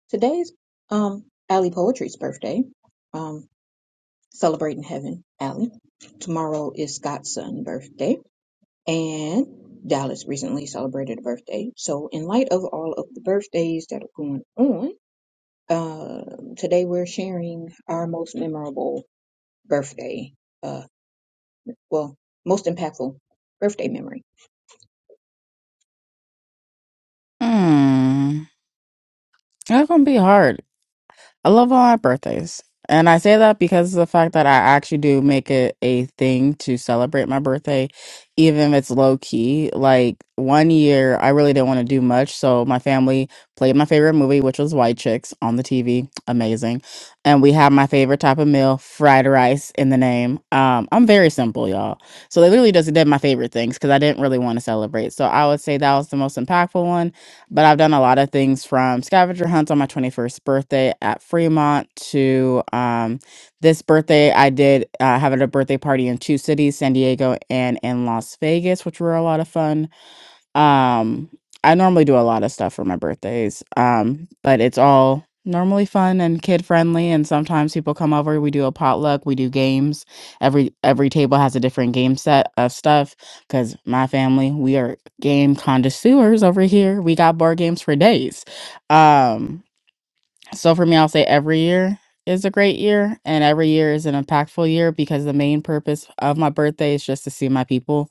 Speaker 4: Today's um Allie Poetry's birthday. Um celebrating heaven, Allie. Tomorrow is Scott's son's birthday and Dallas recently celebrated a birthday. So in light of all of the birthdays that are going on, uh today we're sharing our most memorable birthday. Uh well, most impactful birthday memory.
Speaker 8: Hmm, that's gonna be hard I love all my birthdays. And I say that because of the fact that I actually do make it a thing to celebrate my birthday, even if it's low key. Like one year, I really didn't want to do much. So my family played my favorite movie, which was White Chicks on the TV. Amazing. And we had my favorite type of meal, fried rice in the name. Um, I'm very simple, y'all. So they literally just did my favorite things because I didn't really want to celebrate. So I would say that was the most impactful one but I've done a lot of things from scavenger hunts on my 21st birthday at Fremont to um, this birthday. I did uh, have at a birthday party in two cities, San Diego and in Las Vegas, which were a lot of fun um, I normally do a lot of stuff for my birthdays, um, but it's all normally fun and kid friendly. And sometimes people come over. We do a potluck. We do games. Every every table has a different game set of stuff because my family we are game connoisseurs over here. We got board games for days. Um, so for me, I'll say every year is a great year and every year is an impactful year because the main purpose of my birthday is just to see my people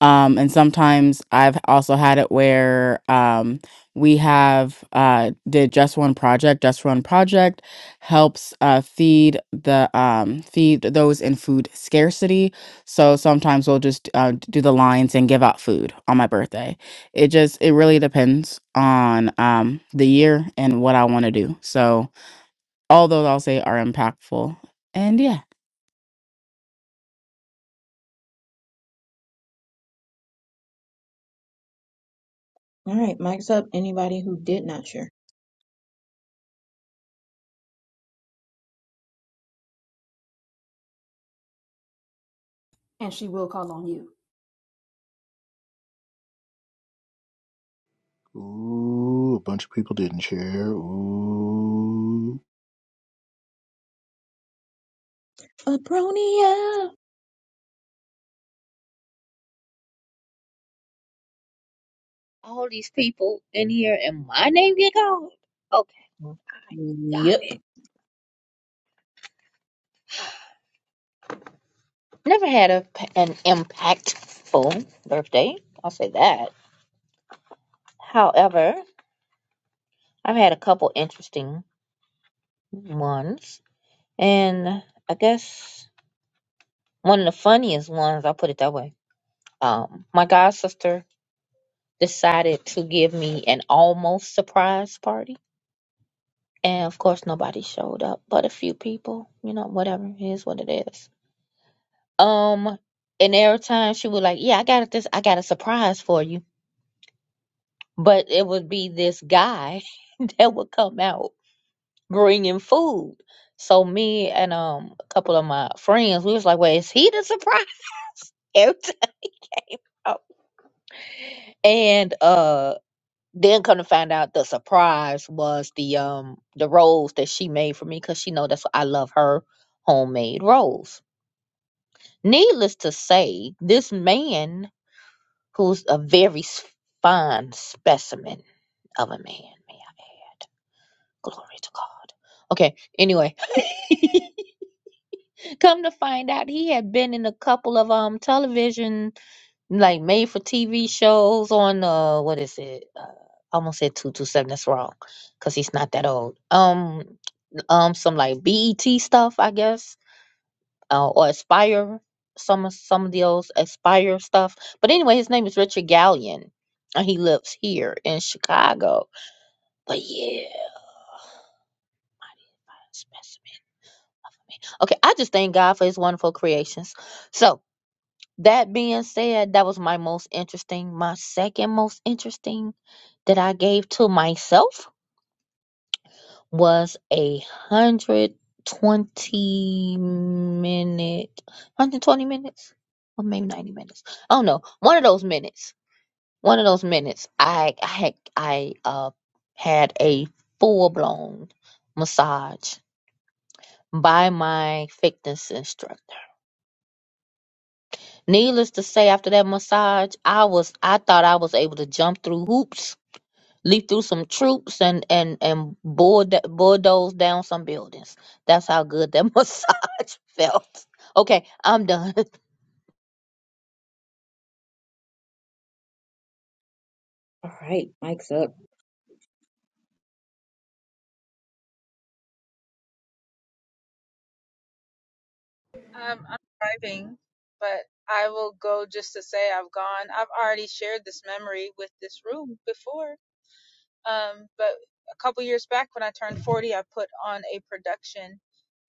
Speaker 8: um, and sometimes I've also had it where um, we have uh, did just one project. Just one project helps uh, feed the um, feed those in food scarcity. So sometimes we'll just uh, do the lines and give out food on my birthday. It just it really depends on um, the year and what I want to do. So all those I'll say are impactful. And yeah,
Speaker 4: All right, mic's up. Anybody who did not share.
Speaker 2: and she will call on you.
Speaker 1: Ooh, a bunch of people didn't share. Ooh.
Speaker 4: Abronia.
Speaker 3: all these people in here and my name get called? Okay, I got
Speaker 4: Yep.
Speaker 3: it. Never had a an impactful birthday. I'll say that. However, I've had a couple interesting ones. And I guess one of the funniest ones, I'll put it that way. Um, my god sister decided to give me an almost surprise party. And of course, nobody showed up but a few people. You know, whatever. It is what it is. Um, and every time she would like, yeah, I got this, I got a surprise for you. But it would be this guy that would come out bringing food. So me and um a couple of my friends, we was like, well, is he the surprise? every time. out. And uh, then come to find out, the surprise was the um the rolls that she made for me because she know that's what I love her homemade rolls. Needless to say, this man who's a very s- fine specimen of a man, may I add. Glory to God. Okay, anyway, come to find out he had been in a couple of um television like made for TV shows on uh what is it? Uh, I almost said 227 that's wrong cuz he's not that old. Um um some like BET stuff, I guess uh, or Aspire, some some of those Aspire stuff. But anyway, his name is Richard Gallion, and he lives here in Chicago. But yeah, specimen. Okay, I just thank God for His wonderful creations. So that being said, that was my most interesting, my second most interesting that I gave to myself. was a hundred twenty minute, hundred twenty minutes, or maybe ninety minutes. I don't know. One of those minutes. One of those minutes. I I had I uh had a full blown massage by my fitness instructor. Needless to say, after that massage, I was I thought I was able to jump through hoops leap through some troops and and and bulldo- bulldoze down some buildings. That's how good that massage felt. Okay, I'm done.
Speaker 4: All right, Mike's up.
Speaker 7: Um, I'm driving, but I will go just to say I've gone. I've already shared this memory with this room before Um, but a couple years back when I turned 40, I put on a production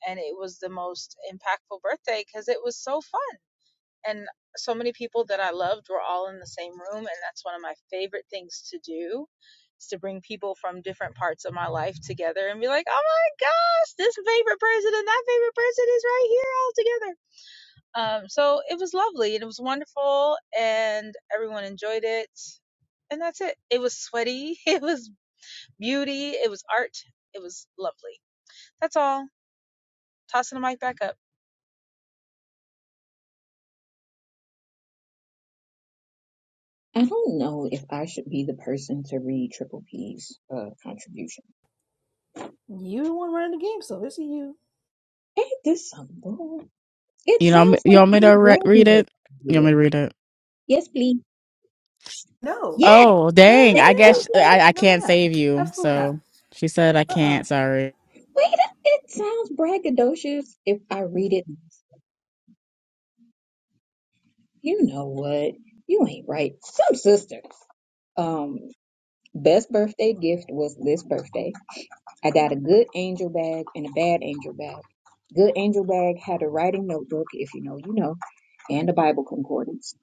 Speaker 7: and it was the most impactful birthday because it was so fun. And so many people that I loved were all in the same room. And that's one of my favorite things to do is to bring people from different parts of my life together and be like, oh my gosh, this favorite person and that favorite person is right here all together. Um, so it was lovely and it was wonderful and everyone enjoyed it and that's it. It was sweaty. It was beauty, it was art, it was lovely. That's all. Tossing the mic back up.
Speaker 4: I don't know if I should be the person to read Triple P's uh, contribution.
Speaker 2: You the one running the game, so it's you.
Speaker 4: Ain't this some bull? It
Speaker 8: you know,
Speaker 4: sounds
Speaker 8: you
Speaker 4: like
Speaker 8: want me to
Speaker 4: I'm
Speaker 8: re- read
Speaker 4: bragging if
Speaker 8: it?
Speaker 4: I
Speaker 8: You
Speaker 4: do
Speaker 8: want me
Speaker 4: it.
Speaker 8: to read it?
Speaker 4: Yes, please.
Speaker 2: No,
Speaker 4: Yes,
Speaker 8: Oh,
Speaker 2: no, no,
Speaker 8: dang.
Speaker 4: thank
Speaker 8: I
Speaker 2: no,
Speaker 4: you.
Speaker 8: guess
Speaker 2: ma'am.
Speaker 8: uh,
Speaker 4: Lord.
Speaker 8: I, I
Speaker 2: No,
Speaker 8: can't
Speaker 2: ma'am.
Speaker 8: save you.
Speaker 2: Absolutely not.
Speaker 8: So she said I
Speaker 2: Uh uh
Speaker 8: can't. Sorry.
Speaker 4: Wait, a- it sounds braggadocious if I read it. You know what? You ain't right. Some sister. Um, best birthday gift was this birthday. I got a good angel bag and a bad angel bag. Good angel bag had a writing notebook, if you know, you know, and a Bible concordance.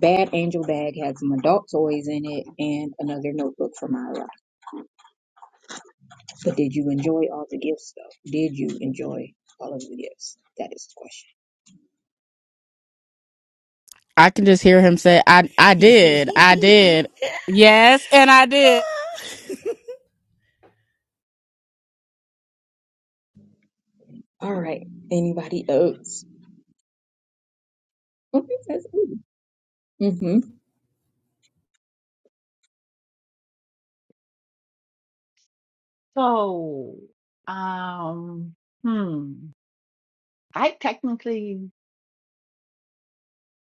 Speaker 4: Bad angel bag had some adult toys in it and another notebook for my Myra. But did you enjoy all the gifts though? Did you enjoy all of the gifts? That is the question.
Speaker 8: I can just hear him say, I, I did. I did. Yes. And I did.
Speaker 4: All right. Anybody else? Okay, that's ooh. Mm-hmm.
Speaker 9: So, um, hmm, I technically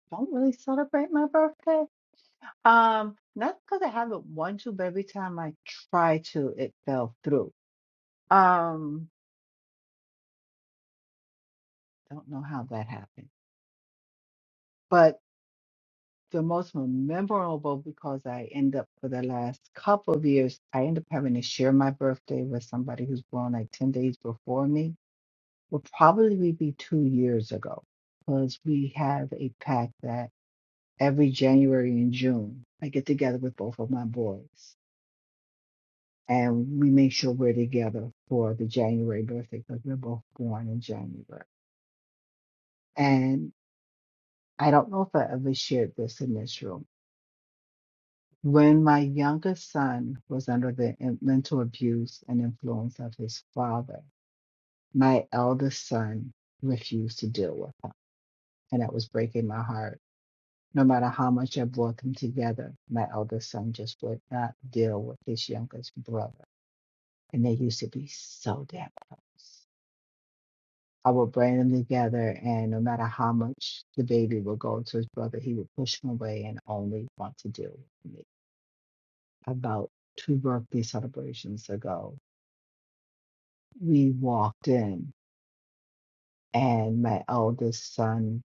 Speaker 9: don't really celebrate my birthday. Um, not because I haven't wanted to, but every time I try to, it fell through. Um, don't know how that happened, but the most memorable because I end up for the last couple of years, I end up having to share my birthday with somebody who's born like 10 days before me. Will probably be two years ago because we have a pact that every January and June I get together with both of my boys and we make sure we're together for the January birthday because we're both born in January. And I don't know if I ever shared this in this room. When my youngest son was under the in- mental abuse and influence of his father, my eldest son refused to deal with him. And that was breaking my heart. No matter how much I brought them together, my eldest son just would not deal with his youngest brother. And they used to be so damn close. I would bring them together, and no matter how much the baby would go to his brother, he would push him away and only want to deal with me. About two birthday celebrations ago, we walked in, and my eldest son,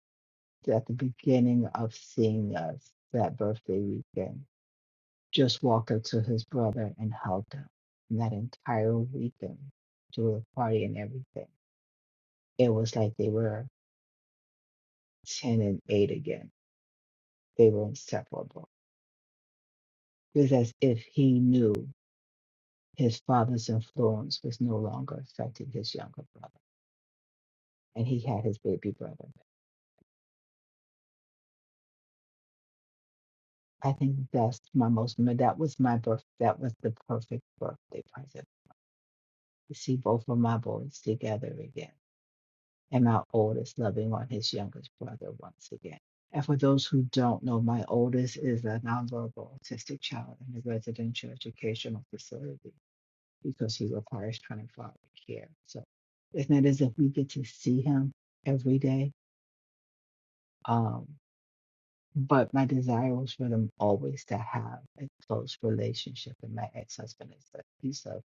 Speaker 9: at the beginning of seeing us that birthday weekend, just walked up to his brother and hugged him. And that entire weekend, to the party and everything, it was like they were 10 and 8 again. They were inseparable It was as if he knew his father's influence was no longer affecting his younger brother, and he had his baby brother. I think that's my most. That was my birth. That was the perfect birthday present to see both of my boys together again, and my oldest loving on his youngest brother once again. And for those who don't know, my oldest is a nonverbal autistic child in a residential educational facility because he requires 24 hour care. So it's not as if we get to see him every day. Um, but my desire was for them always to have a close relationship. And my ex husband is a piece of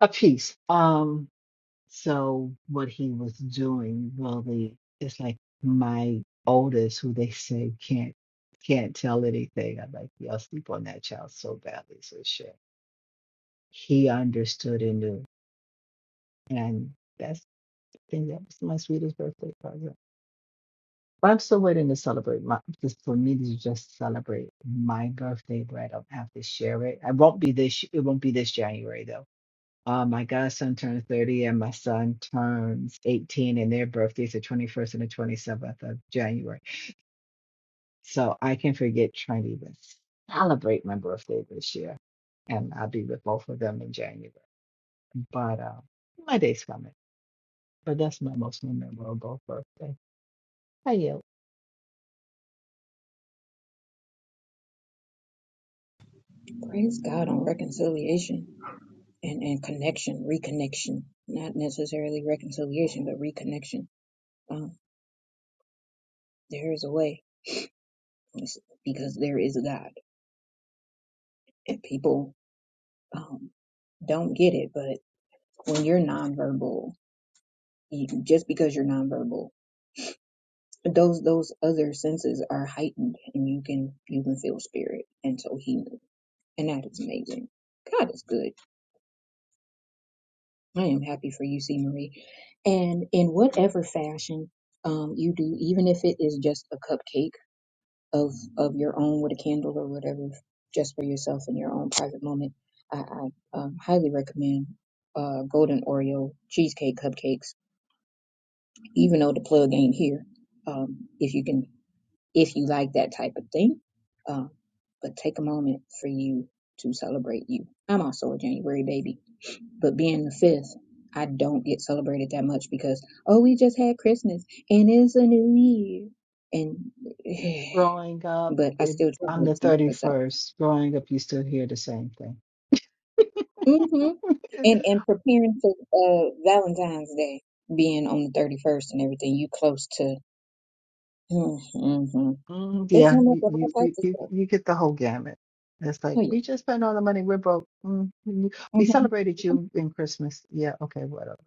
Speaker 9: a piece. Um, so what he was doing really is like my oldest, who they say can't can't tell anything. I'm like, y'all sleep on that child so badly, so shit. He understood and knew, and that's And that was my sweetest birthday present. But I'm still waiting to celebrate my just for me to just celebrate my birthday, but I don't have to share it. I won't be this it won't be this January though. Uh, my godson turns 30 and my son turns 18 and their birthdays the 21st and the 27th of January. So I can forget trying to even celebrate my birthday this year. And I'll be with both of them in January. But uh, my day's coming. But that's my most memorable birthday. I yield.
Speaker 4: Praise God on reconciliation and, and connection, reconnection. Not necessarily reconciliation, but reconnection. there is a way It's because there is a God. And people um, don't get it, but when you're nonverbal, you, just because you're nonverbal, those those other senses are heightened, and you can you can feel spirit. And so he knew, and that is amazing. God is good. I am happy for you, C. Marie. And in whatever fashion um, you do, even if it is just a cupcake of of your own with a candle or whatever, just for yourself in your own private moment. I, I um, highly recommend uh, Golden Oreo cheesecake cupcakes, even though the plug ain't here. Um, if you can, if you like that type of thing, um, but take a moment for you to celebrate you. I'm also a January baby, but being the fifth, I don't get celebrated that much because oh, we just had Christmas and it's a new year, and
Speaker 9: growing up,
Speaker 4: but I
Speaker 9: it,
Speaker 4: still try to
Speaker 9: I'm
Speaker 4: make
Speaker 9: the
Speaker 4: time for self.
Speaker 9: 31st. Growing up, you still hear the same thing.
Speaker 4: Mm-hmm. And and preparing for uh Valentine's Day being on the 31st and everything, you close to mm-hmm.
Speaker 9: Mm,
Speaker 4: They
Speaker 9: yeah,
Speaker 4: come up
Speaker 9: you,
Speaker 4: with
Speaker 9: you
Speaker 4: all
Speaker 9: you
Speaker 4: types of
Speaker 9: you
Speaker 4: stuff.
Speaker 9: you get the whole gamut. It's
Speaker 4: Oh
Speaker 9: like
Speaker 4: yeah.
Speaker 9: we just spent all the money. We're broke. Mm, you- we
Speaker 4: hmm
Speaker 9: celebrated you in Christmas. Yeah, okay, whatever.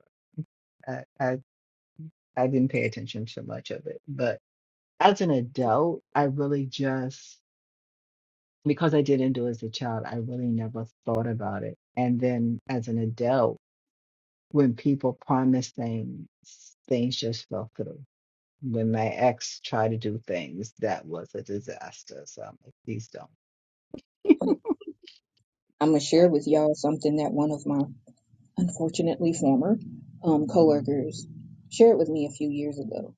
Speaker 9: I, I I didn't pay attention to much of it, but as an adult, I really just because I didn't do as a child, I really never thought about it. And then as an adult, when people promise things, things just fell through when my ex tried to do things that was a disaster. So I'm like, please don't.
Speaker 4: I'm gonna
Speaker 9: Like,
Speaker 4: share with y'all something that one of my unfortunately former um coworkers shared with me a few years ago.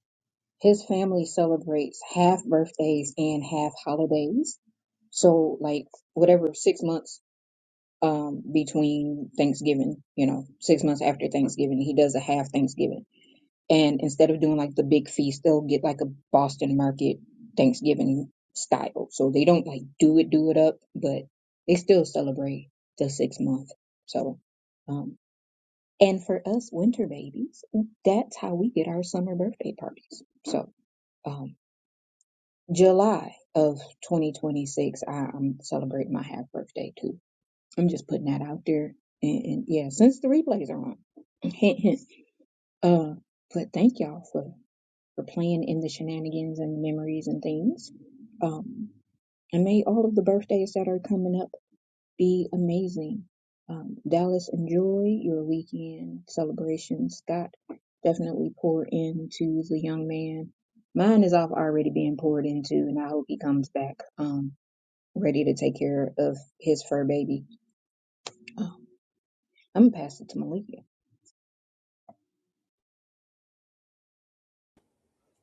Speaker 4: His family celebrates half birthdays and half holidays. So like whatever six months um between Thanksgiving, you know, six months after Thanksgiving, he does a half Thanksgiving And instead of doing like the big feast, they'll get like a Boston market Thanksgiving style. So they don't like do it, do it up, but they still celebrate the six month. So, um, and for us winter babies, that's how we get our summer birthday parties. So, um, July of 2026, I, I'm celebrating my half birthday too. I'm just putting that out there. And, and yeah, since the replays are on, hint, hint. Uh, but thank y'all for for playing in the shenanigans and memories and things. Um, and may all of the birthdays that are coming up be amazing. Um, Dallas, enjoy your weekend celebration. Scott, definitely pour into the young man. Mine is off already being poured into, and I hope he comes back um, ready to take care of his fur baby. Um, I'm gonna pass it to Malika.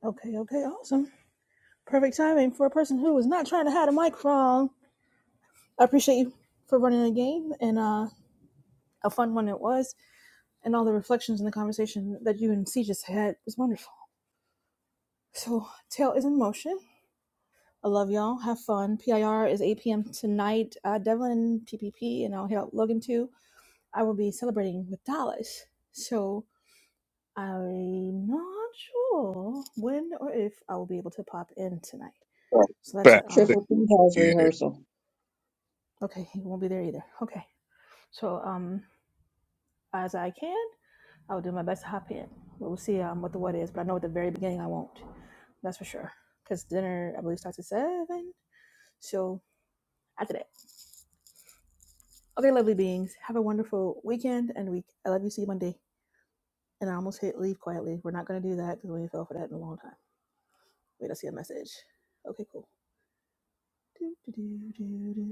Speaker 2: Okay, okay, awesome. Perfect timing for a person who is not trying to hide a microphone. I appreciate you for running the game and uh, a fun one it was. And all the reflections in the conversation that you and C just had was wonderful. So, Tail is in motion. I love y'all. Have fun. PIR is 8 p.m. tonight. Uh, Devlin, PPP, and I'll hit up Logan too. I will be celebrating with Dallas. So I'm not sure when or if I will be able to pop in tonight. So that's
Speaker 1: Back.
Speaker 2: a um
Speaker 4: Triple P has
Speaker 1: Yeah.
Speaker 4: rehearsal.
Speaker 2: okay, he won't be there either. Okay. So um as I can, I will do my best to hop in. But we'll see um what the what is, but I know at the very beginning I won't. That's for sure. Because dinner I believe starts at seven. So after that. Okay, lovely beings. Have a wonderful weekend and week. I love you. See you Monday. And I almost hit leave quietly. We're not gonna do that because we ain't fell for that in a long time. Wait, I see a message. Okay, cool. Do, do, do, do, do.